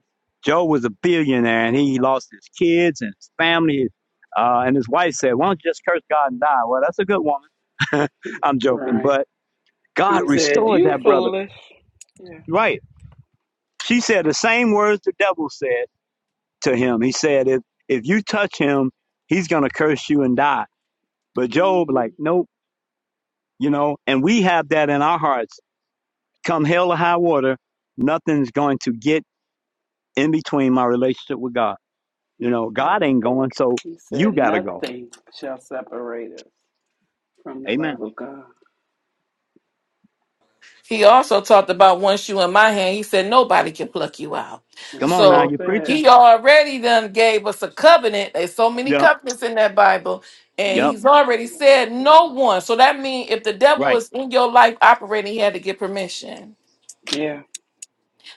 S2: Joe was a billionaire and he lost his kids and his family. Uh, and his wife said, Why don't you just curse God and die? Well, that's a good woman.
S3: He,
S2: I'm joking.
S3: right.
S2: But God
S3: He said,
S2: restored
S3: "You
S2: that brother.
S3: foolish." Yeah.
S2: Right. She said the same words the devil said to him. He said, If, if you touch him, he's going to curse you and die. But Job,
S3: hmm
S2: like, nope, you know, and we have that in our hearts. Come hell or high water, nothing's going to get in between my relationship with God. You
S3: He
S2: know,
S3: said.
S2: God ain't
S3: it.
S2: going, so
S3: He
S2: you
S3: said,
S2: got to go.
S3: "Nothing shall separate us from the
S2: Amen.
S3: love of God."
S1: He also talked about once you in my hand, he said nobody can pluck you out.
S2: Come
S3: That's
S2: on
S3: what
S2: now,
S3: he
S1: So
S2: you're
S3: said.
S2: preaching.
S1: he already done gave us a covenant. There's so many
S2: Yep,
S1: covenants in that Bible, and
S2: yep,
S1: he's already said no one. So that means if the devil
S2: right.
S1: is in your life operating, he had to get permission.
S3: Yeah.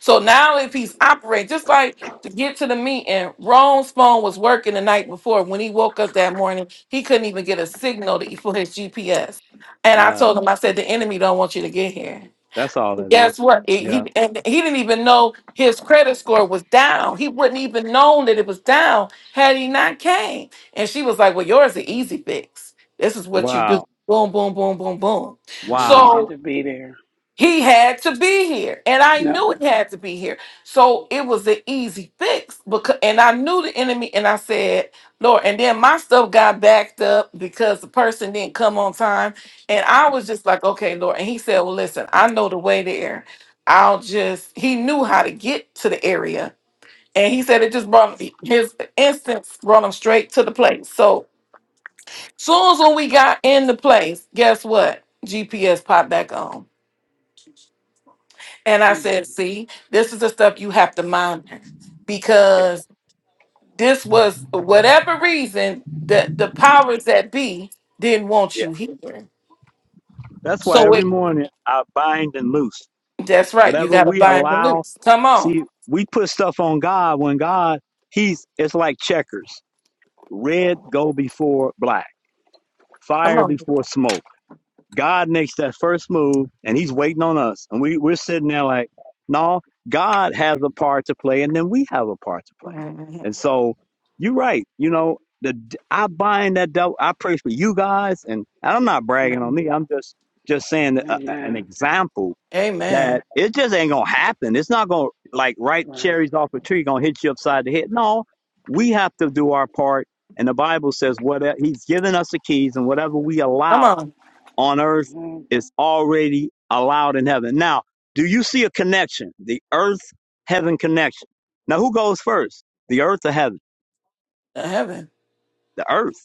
S1: So now if he's operating, just like to get to the meeting, Rome's phone was working the night before. When he woke up that morning, he couldn't even get a signal to, e, for his GPS. And I
S2: Uh,
S1: told him, I said, the enemy don't want you to get here.
S2: that's all that is.
S1: Guess what? It- he,
S2: Yeah.
S1: and he didn't even know his credit score was down. He wouldn't even known that it was down had he not came. And she was like, well, yours is an easy fix. This is what you do.
S2: Wow.
S1: Boom, boom, boom, boom, boom.
S3: I
S2: Wow.
S1: So
S3: needed to be there.
S1: he had to be here, and I
S3: No.
S1: knew he had to be here. So it was an easy fix because, and I knew the enemy, and I said, "Lord." And then my stuff got backed up because the person didn't come on time, and I was just like, "Okay, Lord." And He said, "Well, listen, I know the way there. I'll just." He knew how to get to the area, and He said it just brought me, his instance brought him straight to the place. So soon as when we got in the place, guess what? GPS popped back on And I
S3: Mm.
S1: said, see, this is the stuff you have to monitor
S2: Yeah,
S1: because this was whatever reason that the powers that be didn't want
S2: yeah.
S1: you here.
S2: That's why
S1: So
S2: every
S1: it,
S2: morning I bind and loose.
S1: that's right. You
S2: Whatever
S1: got to
S2: we
S1: bind the
S2: allow,
S1: loose. Come on.
S2: see, we put stuff on God when God, He's, it's like checkers. Red go before black,
S1: Come
S2: fire
S1: on.
S2: before smoke. God makes that first move and he's waiting on us. And we, we're sitting there like, no, God has a part to play and then we have a part to play.
S1: Mhm.
S2: And so you're right. You know, the, I bind that devil. I pray for you guys. And, and I'm not bragging on
S1: Mhm.
S2: me. I'm just, just saying a, a- an
S3: Amen.
S2: example that
S1: Amen.
S2: it just ain't going to happen. It's not going to like ripe
S3: Right.
S2: cherries off a tree going to hit you upside the head. No, we have to do our part. And the Bible says, whatever he's given us the keys and whatever we
S1: Come
S2: allow
S1: on.
S2: on earth
S3: hmm
S2: is already allowed in heaven. Now, do you see a connection? The earth heaven connection. Now, who goes first? The earth or heaven?
S1: To heaven.
S2: The earth.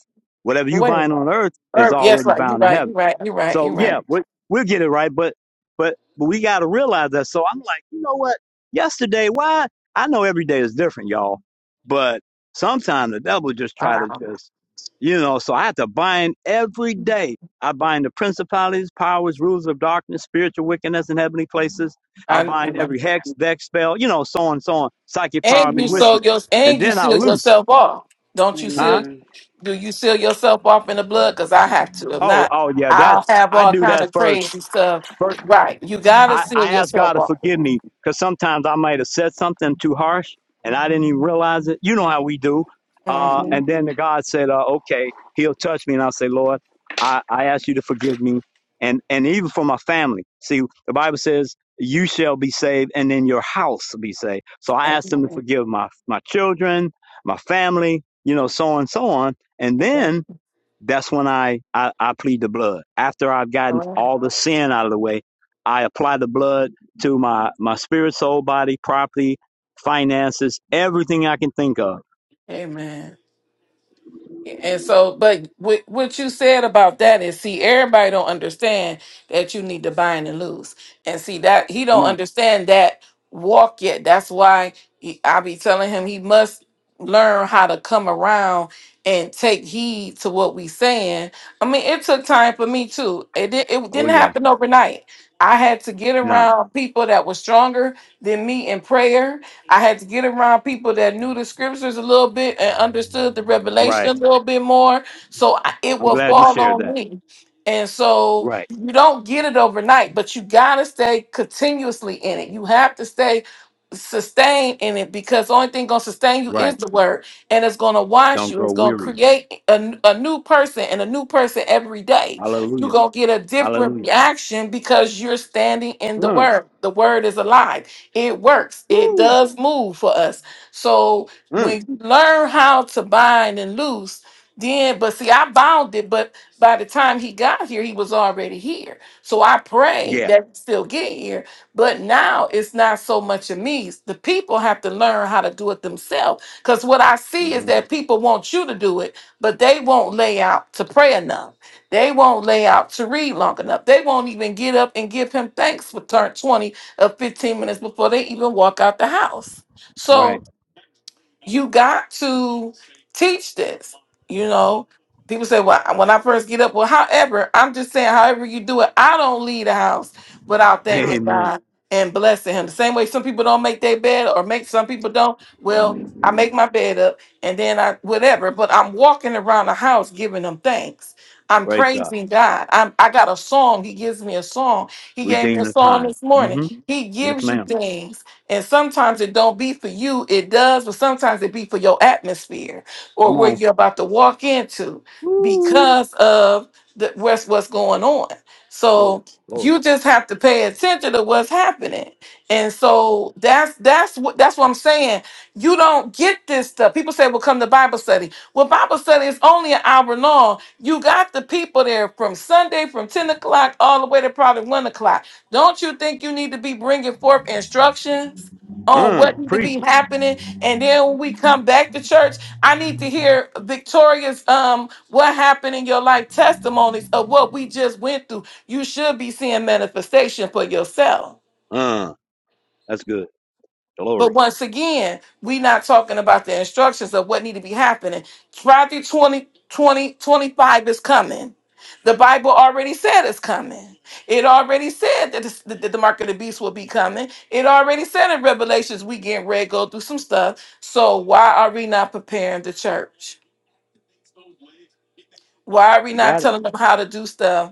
S2: Whatever you
S1: Wait a
S2: bind
S1: minute.
S2: on earth is
S1: Herb, yes,
S2: already
S1: right. You're
S2: bound in
S1: right.
S2: heaven.
S1: You're right. You're right.
S2: So
S1: You're
S2: yeah,
S1: right.
S2: we, we'll get it right, but but but we got to realize that. So I'm like, you know what? Yesterday, why? I know every day is different, y'all, but sometimes the devil just try to
S1: Wow.
S2: just, you know. So I have to bind every day. I bind the principalities, powers, rules of darkness, spiritual wickedness in heavenly places. I
S1: I, you
S2: bind
S1: know.
S2: every hex, vex, spell, you know, so on, so on, psychic power,
S1: And you
S3: Amen.
S1: sold
S2: bewitchment,
S1: your
S2: and
S1: and you
S2: then I
S1: sealed
S2: loose,
S1: yourself off. Don't you seal?
S2: huh?
S3: Amen.
S1: Do you seal yourself off in the blood? Because I have to. If
S2: Oh,
S1: not,
S2: oh yeah, that's
S1: I'll have
S2: I
S1: all
S2: do
S1: kind
S2: that
S1: of
S2: first.
S1: crazy stuff. Right. You gotta
S2: I, I
S1: seal
S2: ask God
S1: yourself
S2: to
S1: off.
S2: forgive me because sometimes I might have said something too harsh and I didn't even realize it. You know how we do. Uh,
S1: Mhm.
S2: and then
S3: Mm-hmm.
S2: the God said, uh, okay, he'll touch me. And I'll say, Lord, I, I ask you to forgive me. And, and even for my family. See, the Bible says, you shall be saved and then your house will be saved. So I asked them to
S1: Amen.
S2: forgive my, my children, my family, you know, so on and so on. And then
S1: Amen.
S2: that's when I, I, I plead the blood. After I've
S1: All
S2: gotten
S1: right.
S2: all the sin out of the way, I apply the blood to my, my spirit, soul, body, property, finances, everything I can think of.
S1: Amen. And so, but what what you said about that is, see, everybody don't understand that you need to bind and loose, and see that he
S2: Come
S1: don't
S2: on.
S1: understand that walk yet. That's why he, I be telling him he must learn how to come around and take heed to what we saying. I mean, it took time for me too. It did, it
S2: Oh,
S1: didn't
S2: yeah.
S1: happen overnight. I had to get
S2: No.
S1: around people that were stronger than me in prayer I had to get around people that knew the scriptures a little bit and understood the revelation
S2: Right.
S1: a little bit more. So I, it
S2: I'm
S1: will
S2: glad you
S1: fall
S2: shared
S1: on
S2: that.
S1: me. And so
S2: Right.
S1: you don't get it overnight, but you got to stay continuously in it. You have to stay sustained in it because the only thing going to sustain you
S2: Right.
S1: is the word and it's going to wash
S2: Don't
S1: you.
S2: grow
S1: It's going to
S2: weary.
S1: create a, n- a new person and a new person every day. You're
S2: Hallelujah.
S1: going to get a different
S2: Hallelujah.
S1: reaction because you're standing in the
S2: Mm.
S1: word. The word is alive. It works. It
S2: Woo.
S1: does move for us. So
S2: Mm.
S1: when you learn how to bind and loose, then but see, I bound it, but by the time he got here, he was already here. So I pray
S2: Yeah.
S1: that he still get here. But now it's not so much of me. The people have to learn how to do it themselves. Because what I see is
S2: hmm
S1: that people want you to do it, but they won't lay out to pray enough. They won't lay out to read long enough. They won't even get up and give him thanks for turn 20 of 15 minutes before they even walk out the house. So
S2: Right.
S1: you got to teach this. You know, people say, "Well, when I first get up," well, however, I'm just saying, however you do it, I don't leave the house without thanking
S2: Amen.
S1: God and blessing Him. The same way some people don't make their bed, or make some people don't. Well, I make my bed up, and then I whatever. But I'm walking around the house giving Him thanks. I'm
S2: Praise God.
S1: praising God. I'm, I got a song. He gives me a song. He gave me
S2: Redeem
S1: a
S2: the
S1: song
S2: time.
S1: this morning.
S2: hmm
S1: He
S2: Yes,
S1: gives you
S2: ma'am.
S1: things and sometimes it don't be for you, it does, but sometimes it be for your atmosphere or
S2: Come
S1: where
S2: on.
S1: you're about to walk into
S2: Woo.
S1: because of the what's what's going on.
S2: Glory.
S1: So
S2: Glory.
S1: you just have to pay attention to what's happening. And so that's that's what that's what I'm saying. You don't get this stuff. People say, well, come to Bible study. Well, Bible study is only an hour long. You got the people there from Sunday from 10 o'clock all the way to probably one o'clock don't you think you need to be bringing forth instructions on
S2: Uh,
S1: what need to
S2: preach.
S1: be happening? And then when we come back to church, I need to hear Victoria's um what happened in your life testimonies of what we just went through. You should be seeing manifestation for yourself.
S2: Uh, that's good.
S1: But
S2: Glory.
S1: once again, we're not talking about the instructions of what need to be happening. Matthew 20, 20, twenty-five is coming. The Bible already said it's coming. It already said that this- that the mark of the beast will be coming. It already said in Revelations we getting ready to go through some stuff. So why are we not preparing the church? Why are we
S2: You
S1: not
S2: got it.
S1: telling them how to do stuff?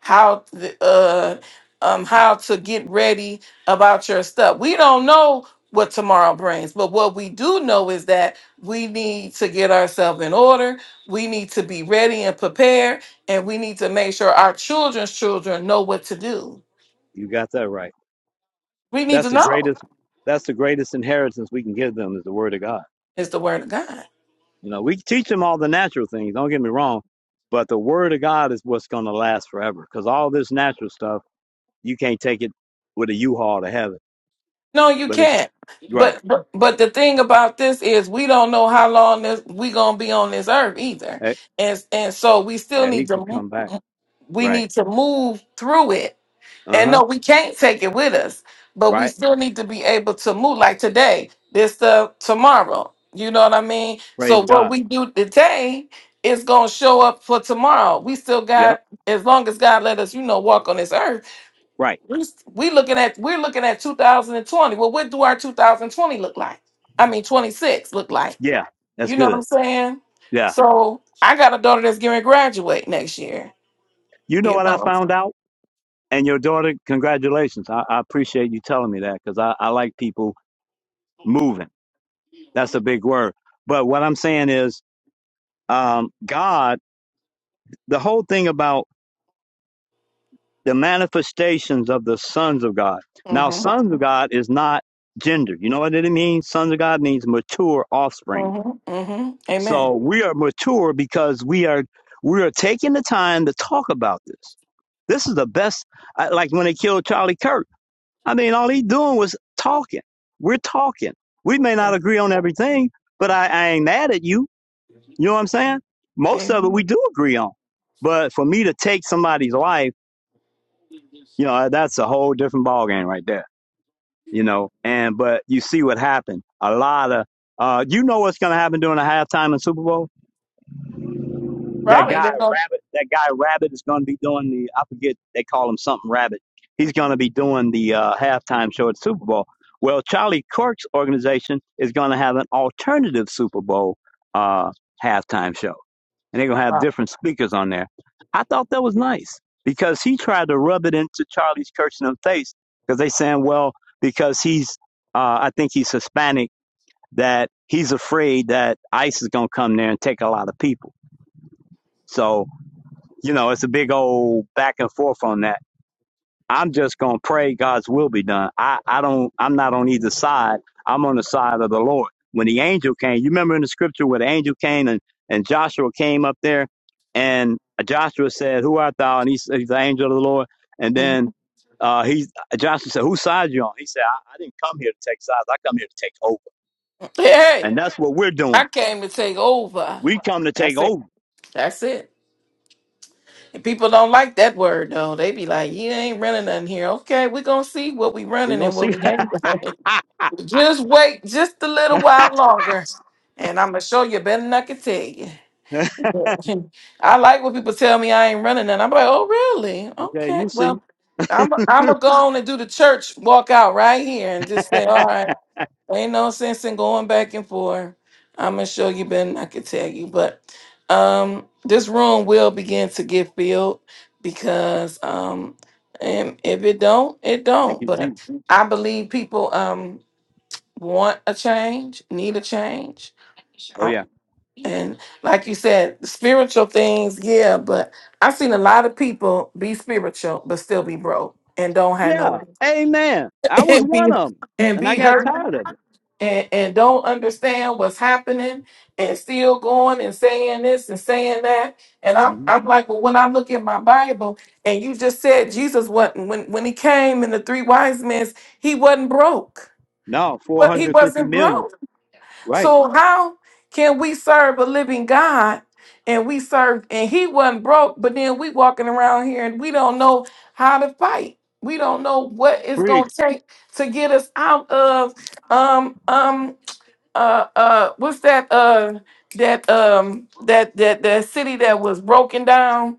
S1: how th- uh um how to get ready about your stuff. We don't know what tomorrow brings, but what we do know is that we need to get ourselves in order. We need to be ready and prepared, and we need to make sure our children's children know what to do.
S2: You got that right.
S1: We need
S2: That's
S1: to
S2: the
S1: know.
S2: greatest. That's the greatest inheritance we can give them is the word of God.
S1: It's the word of God.
S2: You know, we teach them all the natural things. Don't get me wrong, but the word of God is what's going to last forever. Because all this natural stuff, you can't take it with a U-Haul to heaven.
S1: No, you
S2: But it's
S1: can't.
S2: Right.
S1: But but but the thing about this is we don't know how long this we gonna be on this earth either,
S2: Eh,
S1: and and so we still
S2: Yeah,
S1: need
S2: he
S1: to
S2: can
S1: mo-
S2: come back.
S1: we
S2: Right.
S1: need to move through it.
S2: Uh
S1: And
S2: huh.
S1: no, we can't take it with us, but we
S2: Right.
S1: still need to be able to move. Like today, this stuff tomorrow. You know what I mean?
S2: Praise
S1: So what
S2: God.
S1: we do today is gonna show up for tomorrow. We still
S2: Yep.
S1: got as long as God let us, you know, walk on this earth
S2: Right.
S1: we we looking at we're looking at 2020. Well, what do our 2020 look like? I mean, 26 look like.
S2: Yeah. That's
S1: You know what I'm
S2: good.
S1: saying?
S2: Yeah.
S1: So I got a daughter that's going to graduate next year.
S2: You know
S1: You
S2: what I
S1: know.
S2: found out? And your daughter, congratulations. I, I appreciate you telling me that because I, I like people moving. That's a big word. But what I'm saying is, um, God, the whole thing about the manifestations of the sons of God. Now,
S1: Mhm.
S2: sons of God is not gender. You know what it means? Sons of God means mature offspring.
S1: Mhm. Mhm.
S2: So
S1: Amen.
S2: we are mature because we are we are taking the time to talk about this. This is the best. I, like when they killed Charlie Kirk. I mean, all he doing was talking. We're talking. We may
S1: Yeah.
S2: not agree on everything, but I, I ain't mad at you. You know what I'm saying? Most of it we
S1: Amen.
S2: do agree on. But for me to take somebody's life, you know, that's a whole different ballgame right there. You know, and but you see what happened. A lot of uh, you know what's going to happen during the halftime in Super Bowl that
S1: Probably
S2: guy
S1: they're gonna.
S2: Rabbit, that guy
S1: Mm.
S2: Rabbit is going to be doing the. I forget they call him something Rabbit. He's going to be doing the uh, halftime show at Super Bowl. Well, Charlie Kirk's organization is going to have an alternative Super Bowl uh, halftime show, and they're going to have
S1: Wow.
S2: different speakers on there. I thought that was nice because he tried to rub it into Charlie Kirk's face because they saying, well, because he's, uh, I think he's Hispanic, that he's afraid that ICE is going to come there and take a lot of people. So you know, it's a big old back and forth on that. I'm just gonna pray God's will be done. I, I don't I'm not on either side. I'm on the side of the Lord. When the angel came, you remember in the scripture where the angel came and, and Joshua came up there and Joshua said, Who art thou? And he said, the angel of the Lord. And then
S1: Mhm.
S2: uh, he Joshua said, Whose side you on? He said, I, I didn't come here to take sides, I come here to take over.
S1: Hey,
S2: And that's what we're doing.
S1: I came to take over.
S2: We come to take
S1: That's it.
S2: over.
S1: That's it. And people don't like that word though. They be like, "You ain't running nothing here." Okay, we gonna see what we
S2: We're
S1: running
S2: gonna
S1: and
S2: see.
S1: what we ain't running. Just wait, just a little while longer, and I'm gonna show you better than I can tell you. Yeah. I like when people tell me I ain't running nothing. I'm like, "Oh, really?
S2: okay,
S1: Okay,
S2: you see.
S1: well." I'm I'm gonna go on and do the church walk out right here and just say, all right. Ain't no sense in going back and forth. I'm gonna show you Ben. I could tell you, but um, this room will begin to get filled because um, and if it don't, it
S2: Thank
S1: don't.
S2: you, Jesus.
S1: But I believe people um want a change, need a change,
S2: Oh yeah.
S1: Uh, and like you said, spiritual things, yeah. But I've seen a lot of people be spiritual but still be broke and don't have
S2: Yeah,
S1: no
S2: amen. I was
S1: and
S2: one
S1: be
S2: of them,
S1: and
S2: and I
S1: be
S2: got
S1: hurt
S2: tired of it.
S1: and, and don't understand what's happening and still going and saying this and saying that. And I'm,
S2: hmm
S1: I'm like, well, when I look at my Bible and you just said Jesus wasn't, when, when he came in the three wise men, he wasn't broke.
S2: No, four
S1: But he
S2: hundred fifty
S1: wasn't
S2: million.
S1: broke.
S2: Right,
S1: So how can we serve a living God and we serve and he wasn't broke, but then we walking around here and we don't know how to fight. We don't know what it's gonna
S2: preach.
S1: take to get us out of um um uh uh what's that uh that um that that that city that was broken down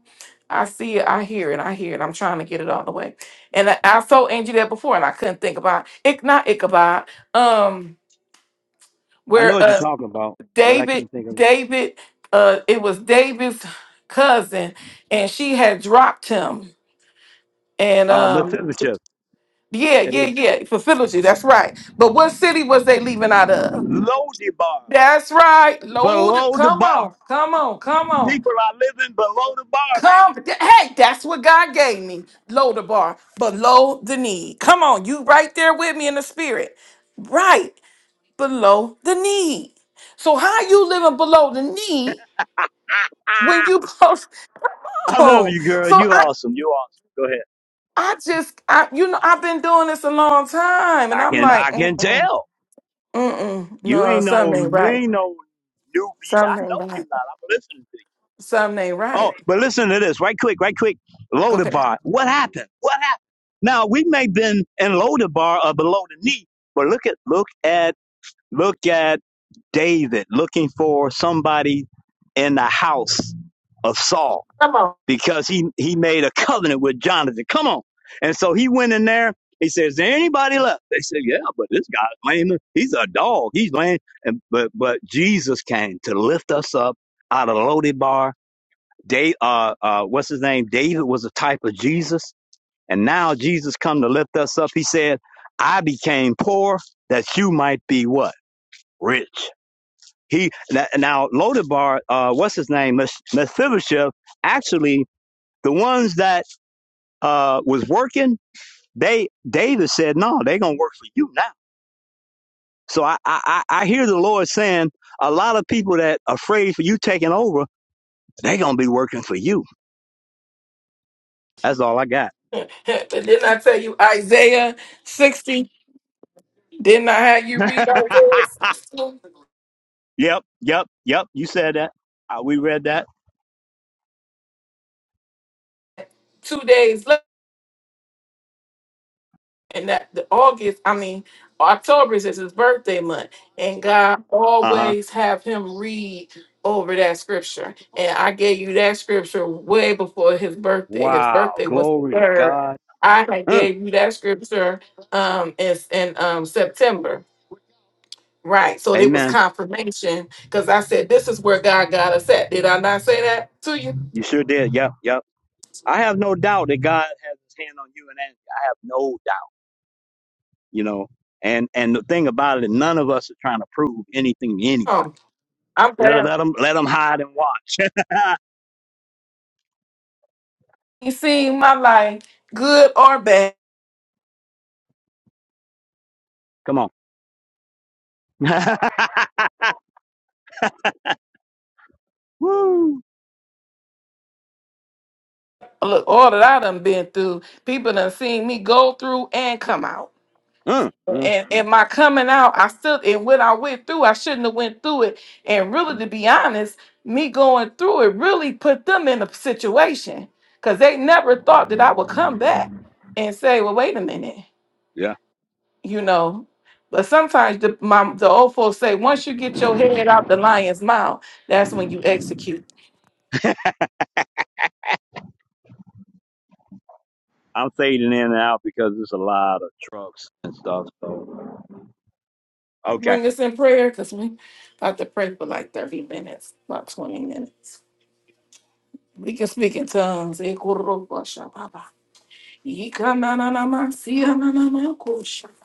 S1: i see it i hear it i hear it i'm trying to get it all the way and i, I told angie that before and i couldn't think about it not ichabod um
S2: I know
S1: where
S2: what you're
S1: uh
S2: talking about, but I
S1: david
S2: can't think of it.
S1: david uh it was david's cousin and she had dropped him and
S2: Uh,
S1: um
S2: Mephibosheth.
S1: yeah
S2: It
S1: yeah
S2: was
S1: yeah for Philipsy, that's right but what city was they leaving out of
S2: low the bar,
S1: That's right. Load.
S2: below the
S1: Come
S2: bar.
S1: on. Come on. Come on.
S2: People are living below the bar,
S1: Come.
S2: man.
S1: th- Hey, that's what God gave me. Load the bar, but load the need. Come on. You right there with me in the spirit. Right below the need. So how you living below the need when
S2: Ah,
S1: you post
S2: I love
S1: on?
S2: you, girl.
S1: So
S2: You
S1: I
S2: awesome. You awesome. Go ahead.
S1: I just I you know I've been doing this a long time and
S2: I
S1: I'm
S2: can
S1: like
S2: I can
S1: mm-mm,
S2: tell
S1: mm-mm,
S2: you
S1: no
S2: ain't
S1: something
S2: no
S1: ain't
S2: you
S1: right.
S2: ain't no newbie. I
S1: Something
S2: know
S1: ain't
S2: you're
S1: right.
S2: not. I'm listening
S1: Something ain't
S2: Oh,
S1: right.
S2: but listen to this, right quick, right quick.
S1: Go ahead.
S2: Lodabar. What happened? What happened? Now we may have been in Lodabar or below the knee, but look at look at look at David looking for somebody in the house of Saul because he he made a covenant with Jonathan. Come on. And so he went in there. He says, "Is there anybody left?" They said, "Yeah, but this guy's lame. He's a dog. He's lame." And but but Jesus came to lift us up out of Lodabar Dave, uh, uh, what's his name? David was a type of Jesus, and now Jesus come to lift us up. He said, "I became poor that you might be what rich." He now, now Lodabar, uh, what's his name? Mes- Mephibosheth. Actually, the ones that uh, was working, they David said, "No, they gonna work for you now." So I, I I I hear the Lord saying, a lot of people that afraid for you taking over, they gonna be working for you. That's all I got.
S1: Didn't I tell you Isaiah 60? Didn't I have you read Isaiah 60
S2: Yep, yep, yep. You said that. Uh, we read that.
S1: two days later? And that the August, I mean October is his birthday month, and God
S2: Uh huh.
S1: always have him read over that scripture. And I gave you that scripture way before his birthday. His
S2: Wow.
S1: birthday was the
S2: Glory to
S1: third.
S2: God.
S1: I had
S2: Mm,
S1: gave you that scripture um in, in um September. Right. So it was
S2: amen.
S1: confirmation because I said, This is where God got us at. Did I not say that to you?
S2: You sure did. Yep, yep. I have no doubt that God has his hand on you and Angie. I have no doubt, you know. And and the thing about it, none of us are trying to prove anything to anybody.
S1: Um, I'm
S2: Let,
S1: glad
S2: let, them, let them hide and watch.
S1: you seen my life, good or bad.
S2: Come on. Woo.
S1: Look, all that I done been through, people done seen me go through and come out.
S2: Mm, mm,
S1: And
S2: mm,
S1: and my coming out, I still and when I went through, I shouldn't have went through it. And really
S2: mm.
S1: to be honest, me going through it really put them in a situation. Cause they never thought that I would come back and say, Well, wait a minute.
S2: Yeah.
S1: you know. But sometimes the my, the old folks say, once you get your head out the lion's mouth, that's when you execute.
S2: I'm fading in and out because there's a lot of trucks and stuff. So, okay.
S1: Bring us in prayer because we about to pray for like 30 minutes, about 20 minutes. We can speak in tongues. Ekoroboshababa. Ikananamasiananamakosha.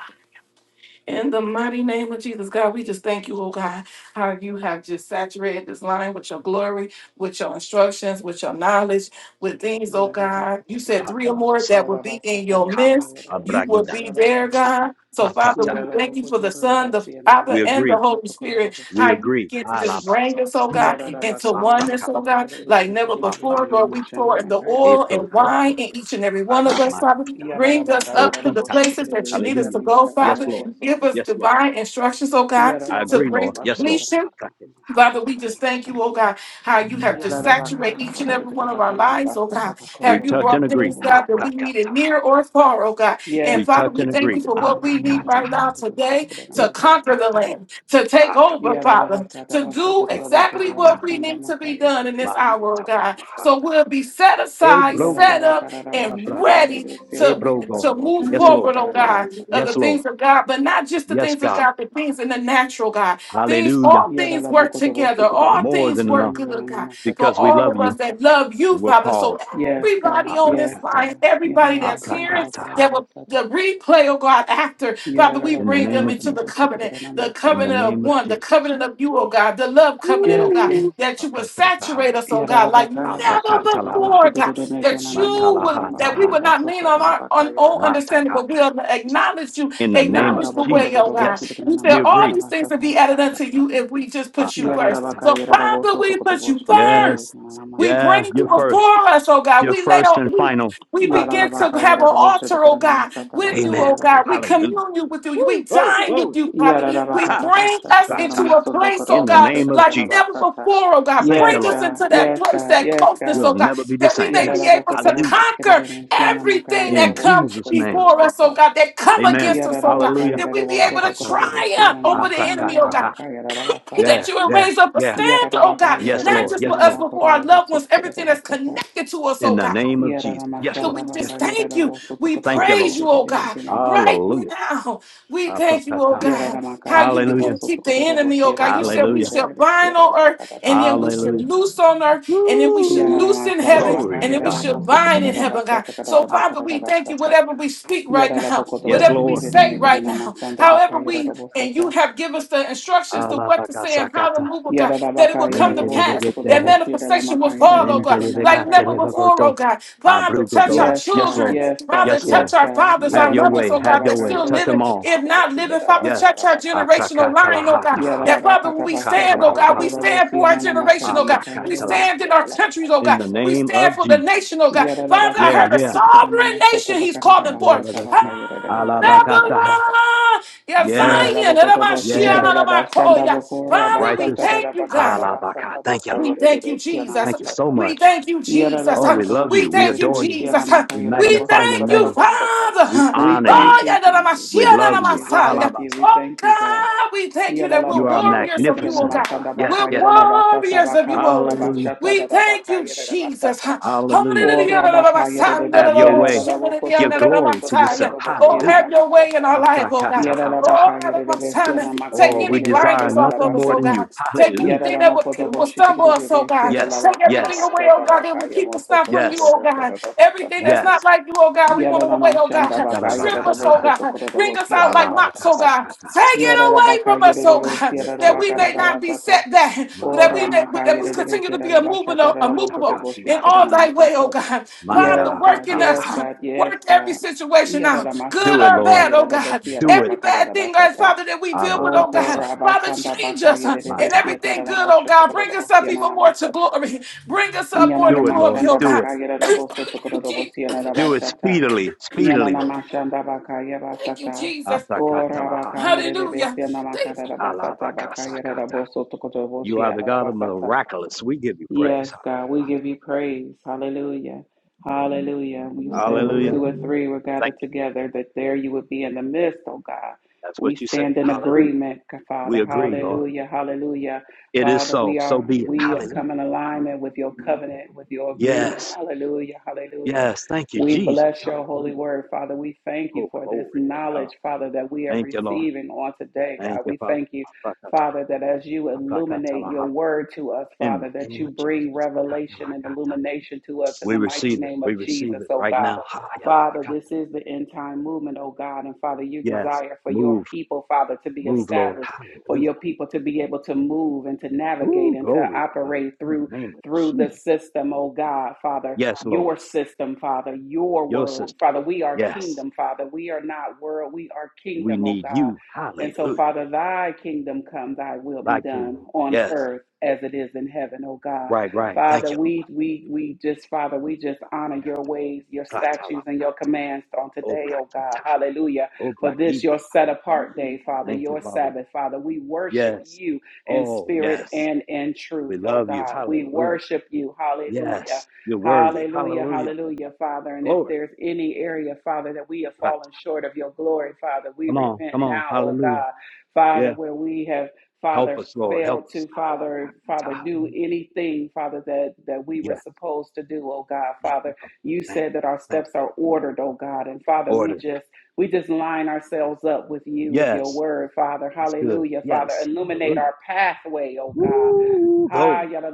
S1: In the mighty name of Jesus, God, we just thank you, oh God, how you have just saturated this line with your glory, with your instructions, with your knowledge, with things, oh
S3: Yarara
S1: God. You said three or more that would be in your
S2: Kaba,
S1: midst. You will
S2: Abragida,
S1: be there, God. So, Father,
S2: Atata.
S1: we thank you for the Son, the Father,
S2: We
S1: and the
S2: agree.
S1: Holy Spirit,
S2: We
S1: how you
S2: agree.
S1: get to just bring us,
S2: Alabasata,
S1: oh God, into oneness,
S2: Sapraka,
S1: oh God, like never before. Lord,
S2: Aprakata,
S1: we pour the oil and wine
S2: Eprokoto,
S1: in each and every one of us, Father.
S2: Adamakata,
S1: Bring us up to the
S2: Opita.
S1: places that you need us
S2: Hallelujah.
S1: to go,
S2: Yes,
S1: Father
S2: Lord.
S1: give us
S2: Yes, Lord.
S1: divine instructions, oh God,
S2: I
S1: to
S2: agree,
S1: bring
S3: bakata
S2: Lord. Yes, Lord.
S1: completion
S3: başladı
S2: Aprakata.
S1: Father, we just thank you, oh God, how you have
S3: Yes,
S1: just
S3: God.
S1: saturated each and every one of our lives, oh God.
S2: We
S1: Have you
S2: touch and
S1: brought
S2: agree.
S1: things, God, that we needed
S2: Aprakata.
S1: near or far, oh God. And
S2: We
S1: Father,
S2: touch
S1: we
S2: and
S1: thank
S2: agree.
S1: you for what we need
S2: Aprakata.
S1: right now today to conquer the
S2: Eprakata.
S1: land, to take over,
S2: Aprakata.
S1: Father, to do exactly
S2: Matahata.
S1: what we need to be done in this hour, oh
S2: Makata.
S1: God. So
S2: Aprakata.
S1: we'll be set aside, set up, and
S2: Ebrogoto.
S1: ready to,
S2: Ebrogo.
S1: to move
S2: Yes, Lord.
S1: forward, oh God, of the
S2: Yes, Lord.
S1: things of God, but not just the
S2: Yes,
S1: things of
S2: God.
S1: God, the things in the natural, God Things,
S2: Hallelujah.
S1: all things work together. All
S2: More
S1: things
S2: than
S1: work
S2: enough
S1: good, God, for
S2: because we
S1: all
S2: love
S1: of us
S2: you
S1: that love you,
S2: and we're
S1: Father. So
S2: called.
S3: Yes,
S1: everybody on this
S2: Aprakata.
S1: line, everybody
S3: God.
S1: that's hearing
S2: Aprakataha.
S1: that will
S3: Yes, God.
S1: the replay, oh God, after, Father, we
S2: In the
S1: bring
S2: name
S1: them
S2: of
S1: into
S2: Jesus.
S1: the covenant, the
S2: In the
S1: covenant
S3: Yararabashatabakotoboshitikadanamasataba.
S1: of
S2: name of
S1: one, the
S2: Jesus.
S1: covenant of you, oh God, the love covenant, oh
S3: Yes,
S1: God,
S3: Lord.
S2: Woo.
S1: that you would
S2: Aprakataha.
S1: saturate us, oh God, like never
S2: Aprakatalaba.
S1: before, God that you would, that we
S2: Matalahataha.
S1: would not lean
S3: Yararabakayabosotokotoboshidededemekenanamasatatakayabosotararakayararabasata.
S1: on our on own understanding, but
S2: Matakata.
S1: we'll acknowledge you,
S2: In the name of
S1: acknowledge the way,
S2: Jesus.
S1: oh God.
S2: Yes,
S1: He
S2: we
S1: said, All
S2: agree.
S1: these things will
S3: Yararabakodororoboshidikananamakararamasata.
S1: be added unto
S2: Aprakata.
S1: you if we just put you first.
S2: Aprakata.
S1: So, Father, we put you
S2: Yes.
S1: first. We
S2: Yeah,
S1: bring you
S2: you're first.
S3: Yararabakayararabosotokotoboshidededemekenanamasanamakaranamasa.
S1: before us, oh God.
S2: You're
S1: We lay
S2: first
S1: on,
S2: and
S1: we,
S2: final.
S1: we begin to
S2: Aprakata.
S1: have an altar, oh God, with you,
S2: Amen.
S1: oh God. We
S2: Hallelujah.
S1: commune
S3: Yararabakayararaboshidikananamasatabakararabosotokotoboshidikanamasata.
S1: with you. We
S2: Woo, glory,
S1: dine
S2: glory.
S1: with you, Father. We bring us into
S2: Plataha.
S1: a place, oh
S2: In the
S1: God,
S2: name of
S1: like
S2: Jesus.
S1: never
S3: Yadadabakatabashatakararamosodokororoboshotakararabasata.
S1: before, oh God.
S2: Thank
S1: Bring
S2: you,
S3: Yes,
S1: us
S2: Lord.
S3: God.
S1: into that
S3: Yes,
S1: place,
S3: God.
S1: that
S3: Yes,
S1: closeness,
S3: God.
S2: We'll
S1: oh God,
S2: never be the
S1: that we
S2: same.
S1: may be
S2: Yes.
S1: able to
S2: Hallelujah.
S1: conquer everything that
S2: In
S1: comes
S2: Jesus' name.
S1: before us, oh
S3: Yadadabokotoboshitikaririnesianamakayararabosotokororobosata.
S1: God, that come
S2: Amen.
S1: against us, oh God
S2: Hallelujah.
S1: that we be able to
S2: Apatata.
S1: triumph over the enemy, oh God.
S2: Aprakataha.
S1: that
S2: Yeah,
S1: you will
S2: yeah,
S1: raise up a
S3: Yadadamakayararabosotokororboshiananamashandaralabakayararabasata.
S2: yeah.
S1: standard, oh God,
S2: Yes,
S1: not
S2: Lord.
S1: just
S2: Yes,
S1: for us,
S2: Lord.
S1: but for our loved ones, everything that's
S3: Yadadabakayararabesianamakororobosotokororbosata.
S1: connected to us,
S2: In
S1: oh
S2: the
S1: God.
S2: name of Jesus. Yes,
S1: Father,
S2: Lord.
S1: we
S2: Yes,
S1: just
S2: Lord.
S1: thank you. We
S2: Thank you,
S1: praise
S2: Lord.
S1: you, oh God, right
S3: Yadadamashandabakayararabosotokororboshididididiginamasata.
S2: Hallelujah.
S1: now. We thank you, oh
S2: Aprakata.
S3: Yara
S1: God,
S3: Yararamaka
S1: how you
S2: Hallelujah.
S1: begin to
S3: Yereboso
S1: keep the
S3: Tokorobos
S1: enemy, oh God. You
S3: Yerabaka
S1: said we
S2: Hallelujah.
S1: shall
S3: Yerebes
S1: bind on
S3: Yarabaka
S1: earth and then we
S3: Basata.
S1: should
S2: Hallelujah.
S1: loose on earth and then we should
S3: Yara
S2: Woo.
S1: loose in heaven
S3: Yaranamashandabaka
S2: Glory to
S1: and then we
S2: God.
S1: should
S3: Yereboso
S1: bind in heaven, God.
S3: Tokorabasata Karabaka
S1: So,
S3: Basata. Kada
S2: Ah,
S1: Father, we
S3: Bakata
S1: thank you.
S3: basata.
S1: Whatever we speak right
S3: Yara
S1: now,
S3: Yaraboko
S2: Yes,
S1: whatever
S3: Boshit
S1: we
S2: Lord.
S1: say right
S3: Kirimekana
S1: now,
S3: Masanda Baka
S1: however we and you
S3: Yerebosata.
S1: have given us the instructions to what to say and how to
S2: Alabakasakata.
S1: move, oh God, that it will
S3: Yarabaka
S1: come to pass,
S3: Yereboso
S1: that
S2: Menderibigete.
S3: Tokoroboshi
S1: manifestation will
S3: Ramaka
S1: fall, oh God,
S3: Yeremesiana
S1: like
S3: Maka
S1: never before,
S2: Abrugo
S1: oh
S3: Yerebasata.
S1: God. Father, touch our
S2: Abrugotolo.
S3: Yes,
S2: Yes,
S3: God,
S1: children.
S2: Lord.
S3: yes, God,
S1: Father,
S2: Yes,
S3: yes,
S1: touch
S2: Lord.
S1: our
S3: God.
S1: fathers, our
S2: Have
S3: Yara
S2: your
S1: mothers,
S2: way.
S1: oh
S2: Have
S1: God,
S2: your
S1: that's
S3: Yaranamashandabaka
S2: way.
S1: still
S2: Touch
S1: living.
S2: them
S3: Yereboso
S2: all.
S1: If not
S3: Tokotoboshi
S1: living, Father,
S3: Rabaka
S2: Yes.
S1: touch our
S3: basata.
S1: generational line, oh God.
S2: Aprakatalahataha.
S1: That Father, when
S3: Yarabakata
S1: we stand,
S3: Bashata
S1: oh God, we
S2: Katalabahata.
S3: Bakororobo
S1: stand for our
S3: Siana
S1: generation,
S3: Mashana
S1: oh God. We
S2: Aprakatala.
S3: Makayere
S1: stand in our countries,
S3: Siarabakata
S1: oh
S2: In
S1: God.
S2: the
S1: We
S3: Bashata.
S2: name
S1: stand
S2: of
S1: for the
S2: Jesus.
S1: nation, oh God. Father, I
S2: Yeah,
S3: Yarabakata
S1: heard a
S2: yeah.
S3: Boshitkana
S1: sovereign
S3: Masata
S1: nation he's
S3: Bakarada
S1: calling for.
S3: Basata
S1: Ah,
S2: Menderibagati.
S3: Bakayere Siana
S2: Alabakataha.
S3: Bashata.
S1: Babylon, yeah,
S2: Yeah,
S1: Zion, and
S3: Yarabakoto
S1: I'm a shit, and
S2: yeah.
S3: Boshitkana
S1: I'm a call,
S3: Bashanda
S1: yeah.
S3: Bakora
S1: Father, we
S3: Basata
S2: Righteous.
S1: thank you, God.
S3: Bakarada
S2: Alabaka.
S3: Basata
S2: Thank you, Lord.
S1: We thank you,
S3: Bakayere Siana
S1: Jesus.
S2: Thank you so
S3: Mashata.
S1: We
S2: much.
S1: thank you, Jesus.
S2: Oh, we
S3: Yarabakoto
S2: love
S1: We
S2: you. We
S1: thank you,
S2: adore
S3: Boshitkana
S2: you.
S3: Siana
S1: Jesus.
S2: We
S3: Makayere
S1: We
S2: magnify
S3: Bosoto
S2: your
S1: thank you,
S2: name.
S3: Bashata.
S2: We
S1: Father.
S3: We
S2: honor you.
S3: thank
S1: Oh,
S3: you,
S1: yeah, that I'm a
S3: Jesus.
S1: Shia,
S2: We
S3: We
S1: that
S2: love
S1: I'm
S3: thank
S1: a
S2: you.
S3: you. We
S1: Messiah.
S3: thank you.
S2: Halabas.
S3: We
S1: Oh,
S3: thank you, God.
S1: God, we thank you
S3: Yala
S1: that
S3: la
S1: we're
S2: You are
S3: bokoto boshi
S1: warriors of
S3: tikana
S1: you,
S3: na
S1: oh,
S2: magnificent, oh
S1: God.
S2: God.
S3: masanda
S2: Yes,
S1: We're
S3: bakaya
S2: yes,
S3: la
S2: yes.
S3: basata
S1: warriors of you,
S3: bakaya
S1: oh,
S3: la
S1: God.
S2: Hallelujah.
S3: bashata da
S1: We
S3: da
S1: thank
S3: baka
S1: you,
S3: la
S1: Jesus.
S3: basata.
S2: Hallelujah.
S1: Hallelujah,
S3: Ora
S1: that I'm a
S3: bakaya yala de
S1: son, that
S2: Have
S1: I'm
S2: your
S3: besia
S1: a
S3: na
S2: way.
S3: da da
S1: Shia,
S3: bokoto
S2: Give
S3: do
S1: that
S3: do
S1: I'm a
S2: glory
S3: boso
S2: to
S3: to koto
S1: Messiah.
S2: yourself.
S3: do
S1: Oh,
S3: bosia na na
S1: have
S2: Hallelujah.
S1: your way in
S3: mashata.
S1: our life, oh, God.
S3: Yala la baka
S2: Apakatahataha.
S1: Oh, God,
S3: yala
S1: at
S3: de
S1: my
S3: besia na
S1: son,
S3: maka
S1: take
S2: Oh, we
S1: any
S3: de
S2: desire
S3: besia
S1: blinders
S3: da la
S1: off
S2: nothing
S1: of us,
S2: more
S1: oh
S2: than
S3: bashata.
S2: you.
S1: God. Take
S2: Hallelujah.
S3: Yala
S1: anything
S3: la
S1: that would,
S3: mokoto
S1: would
S3: boshi
S1: stumble
S3: tikana de
S1: us, oh
S3: besia
S1: God.
S3: da la
S2: Yes,
S1: Take
S3: baka da
S2: yes,
S1: everything away, oh
S3: bashata
S1: God, that
S3: baka
S1: would
S3: yala
S1: keep us
S3: moso
S1: not
S3: to to
S1: from you,
S3: do
S2: yes,
S1: oh God.
S3: bokoto do
S1: Everything
S3: basata.
S1: that's not
S2: yes.
S1: like you, oh God, we want
S3: Yala
S1: it
S3: la
S1: away, oh
S3: mashanda
S1: God.
S3: baka yala
S1: Strip
S3: do
S1: us, oh
S2: Darabakataha.
S3: boso to
S1: God.
S3: koto do
S1: Ring us
S3: bosia
S1: out
S3: da la
S1: like mops, oh
S3: bashata.
S1: God. Take
S2: Alabakasakataha.
S1: it away
S3: Yarabaka
S1: from us, oh
S3: Yerebe
S1: God,
S2: Yes,
S1: that
S2: Lord.
S1: we
S3: Sierabaka
S2: Yes,
S1: may
S2: Lord.
S1: not be
S3: Rabasata
S1: set back, that
S3: Ora
S1: we may,
S3: Maka
S1: that we
S2: Matalabakataha.
S3: Yerebe
S1: continue to be
S3: Kerabashata
S1: immovable, immovable
S3: Rabokotoboshit
S1: in all
S2: Matakatiataha.
S1: thy way, oh
S3: Kerenamasata.
S1: God. Father,
S3: Yes,
S1: work
S3: God,
S1: in
S3: yes,
S1: us.
S2: Mandalabakataha.
S3: God, yes,
S1: Work every
S3: God.
S1: situation out, good
S2: Do
S3: Yaralamashanda
S2: it,
S1: or
S3: Baka
S2: Lord.
S1: bad, oh God.
S3: Yerabosi
S2: Do it.
S1: Every
S3: Yarabaka
S1: bad thing, God,
S3: Rabasata.
S1: Father, that we deal with,
S3: O
S1: oh God.
S2: Alabakasasa.
S1: Father,
S3: Korabasanda
S1: change
S3: Baka
S1: us uh,
S3: Yerebe
S1: in
S2: Mataha.
S3: Sieta
S1: everything good, oh God. Bring us up
S3: Ramoshotokorabosiana
S1: even more to
S3: Namashata.
S1: glory. Bring us up more
S3: Yanana
S1: to
S2: Do it,
S1: glory,
S2: Lord.
S1: oh
S3: Mashanda
S2: Do
S1: God.
S2: it.
S3: Baka Yarabo Sotokorobo
S1: Je-
S3: Siana
S2: Do it
S3: Bashata.
S2: speedily. Speedily,
S3: Yanana
S2: Lord.
S3: Mashanda Baka
S1: Thank you,
S3: Yabasata.
S1: Jesus.
S3: Ora Baka
S2: Atakatalahata.
S3: Yerebe
S1: Hallelujah.
S3: Siana
S1: Thank
S3: Makada Basata Baka
S2: Alabakasakata.
S3: Yarabo Sotokorobo
S2: You are the
S3: Siana
S2: God of
S3: Basata.
S2: miraculous. We give you praise.
S3: Yes, God, we give you praise. Hallelujah. Hallelujah. You said when
S2: Hallelujah.
S3: two or three were
S2: Thank
S3: gathered
S2: you, Jesus.
S3: together, that there you would be in the midst, oh God.
S2: That's
S3: We
S2: what you said.
S3: stand in
S2: Hallelujah.
S3: agreement,
S2: We
S3: Father.
S2: agree, Lord.
S3: Hallelujah. Hallelujah.
S2: It is
S3: Father,
S2: so.
S3: we
S2: So
S3: are
S2: be it.
S3: we come
S2: Hallelujah.
S3: in alignment with your covenant, with your agreement.
S2: Yes.
S3: Hallelujah. Hallelujah.
S2: Yes. Thank you,
S3: We
S2: Jesus.
S3: bless your holy
S2: Hallelujah.
S3: word, Father. We thank you
S2: Oh,
S3: for this
S2: glory to God.
S3: knowledge, Father, that we are
S2: Thank you, Lord.
S3: receiving on today,
S2: Thank
S3: God.
S2: you,
S3: We thank you
S2: Father.
S3: Father, that as you illuminate your word to us,
S2: In the
S3: Father, that
S2: name
S3: you
S2: of Jesus.
S3: bring revelation and illumination to us in
S2: We
S3: the mighty
S2: receive it.
S3: name
S2: We
S3: of
S2: receive
S3: Jesus,
S2: it
S3: oh
S2: right
S3: God.
S2: now.
S3: Father, this is the end time movement, oh God. And Father, you
S2: Yes.
S3: desire for your
S2: Move.
S3: people, Father, to be
S2: Move, Lord.
S3: established, for
S2: Hallelujah.
S3: your people to be able to move and to navigate
S2: Ooh,
S3: and to
S2: glory to God.
S3: operate
S2: In
S3: through
S2: the name of
S3: through the
S2: Jesus.
S3: system, oh God, Father,
S2: Yes, Lord.
S3: your system, Father, your
S2: Your
S3: word.
S2: sister.
S3: Father, we are
S2: Yes.
S3: kingdom, Father. We are not world, we are
S2: We
S3: kingdom, oh
S2: need
S3: God.
S2: you.
S3: And so,
S2: Hallelujah.
S3: Father, thy kingdom come, thy will be
S2: Thy
S3: done
S2: kingdom.
S3: on
S2: Yes.
S3: earth as it is in heaven, oh God.
S2: Right, right. Thank
S3: Father,
S2: you, Lord.
S3: we we we just, Father, we just honor your ways, your statutes, and your
S2: Pratalakata.
S3: commands on today, oh God.
S2: Oblakita.
S3: Hallelujah. For this your
S2: Oblakidala.
S3: set apart day, Father,
S2: Thank you,
S3: your
S2: Father.
S3: Sabbath, Father. We worship
S2: Yes.
S3: you in
S2: Oh,
S3: spirit
S2: yes.
S3: and in truth,
S2: We
S3: oh
S2: love you.
S3: God. We
S2: Hallelujah.
S3: worship you. Hallelujah.
S2: Yes, you're worthy.
S3: Hallelujah,
S2: Hallelujah.
S3: hallelujah, Father. And if
S2: Glory.
S3: there's any area, Father, that we have
S2: Right.
S3: fallen short of your glory, Father, we
S2: Come on,
S3: repent
S2: come on.
S3: now, oh
S2: Hallelujah.
S3: God, Father,
S2: Yeah.
S3: where we have,
S2: Help
S3: Father,
S2: us, Lord. Help
S3: failed
S2: us.
S3: to father father do anything father that that we were
S2: Yeah.
S3: supposed to do oh god
S2: Thank you,
S3: father
S2: Father.
S3: you
S2: Thank
S3: said
S2: you.
S3: that our
S2: Thank
S3: steps
S2: you.
S3: are ordered oh god and father we
S2: Order.
S3: just we just line ourselves up with you with your
S2: Yes.
S3: word father
S2: That's good.
S3: hallelujah father
S2: Yes.
S3: illuminate
S2: Hallelujah.
S3: our pathway oh god
S2: Woo.
S3: Ha
S2: Glory.
S3: yada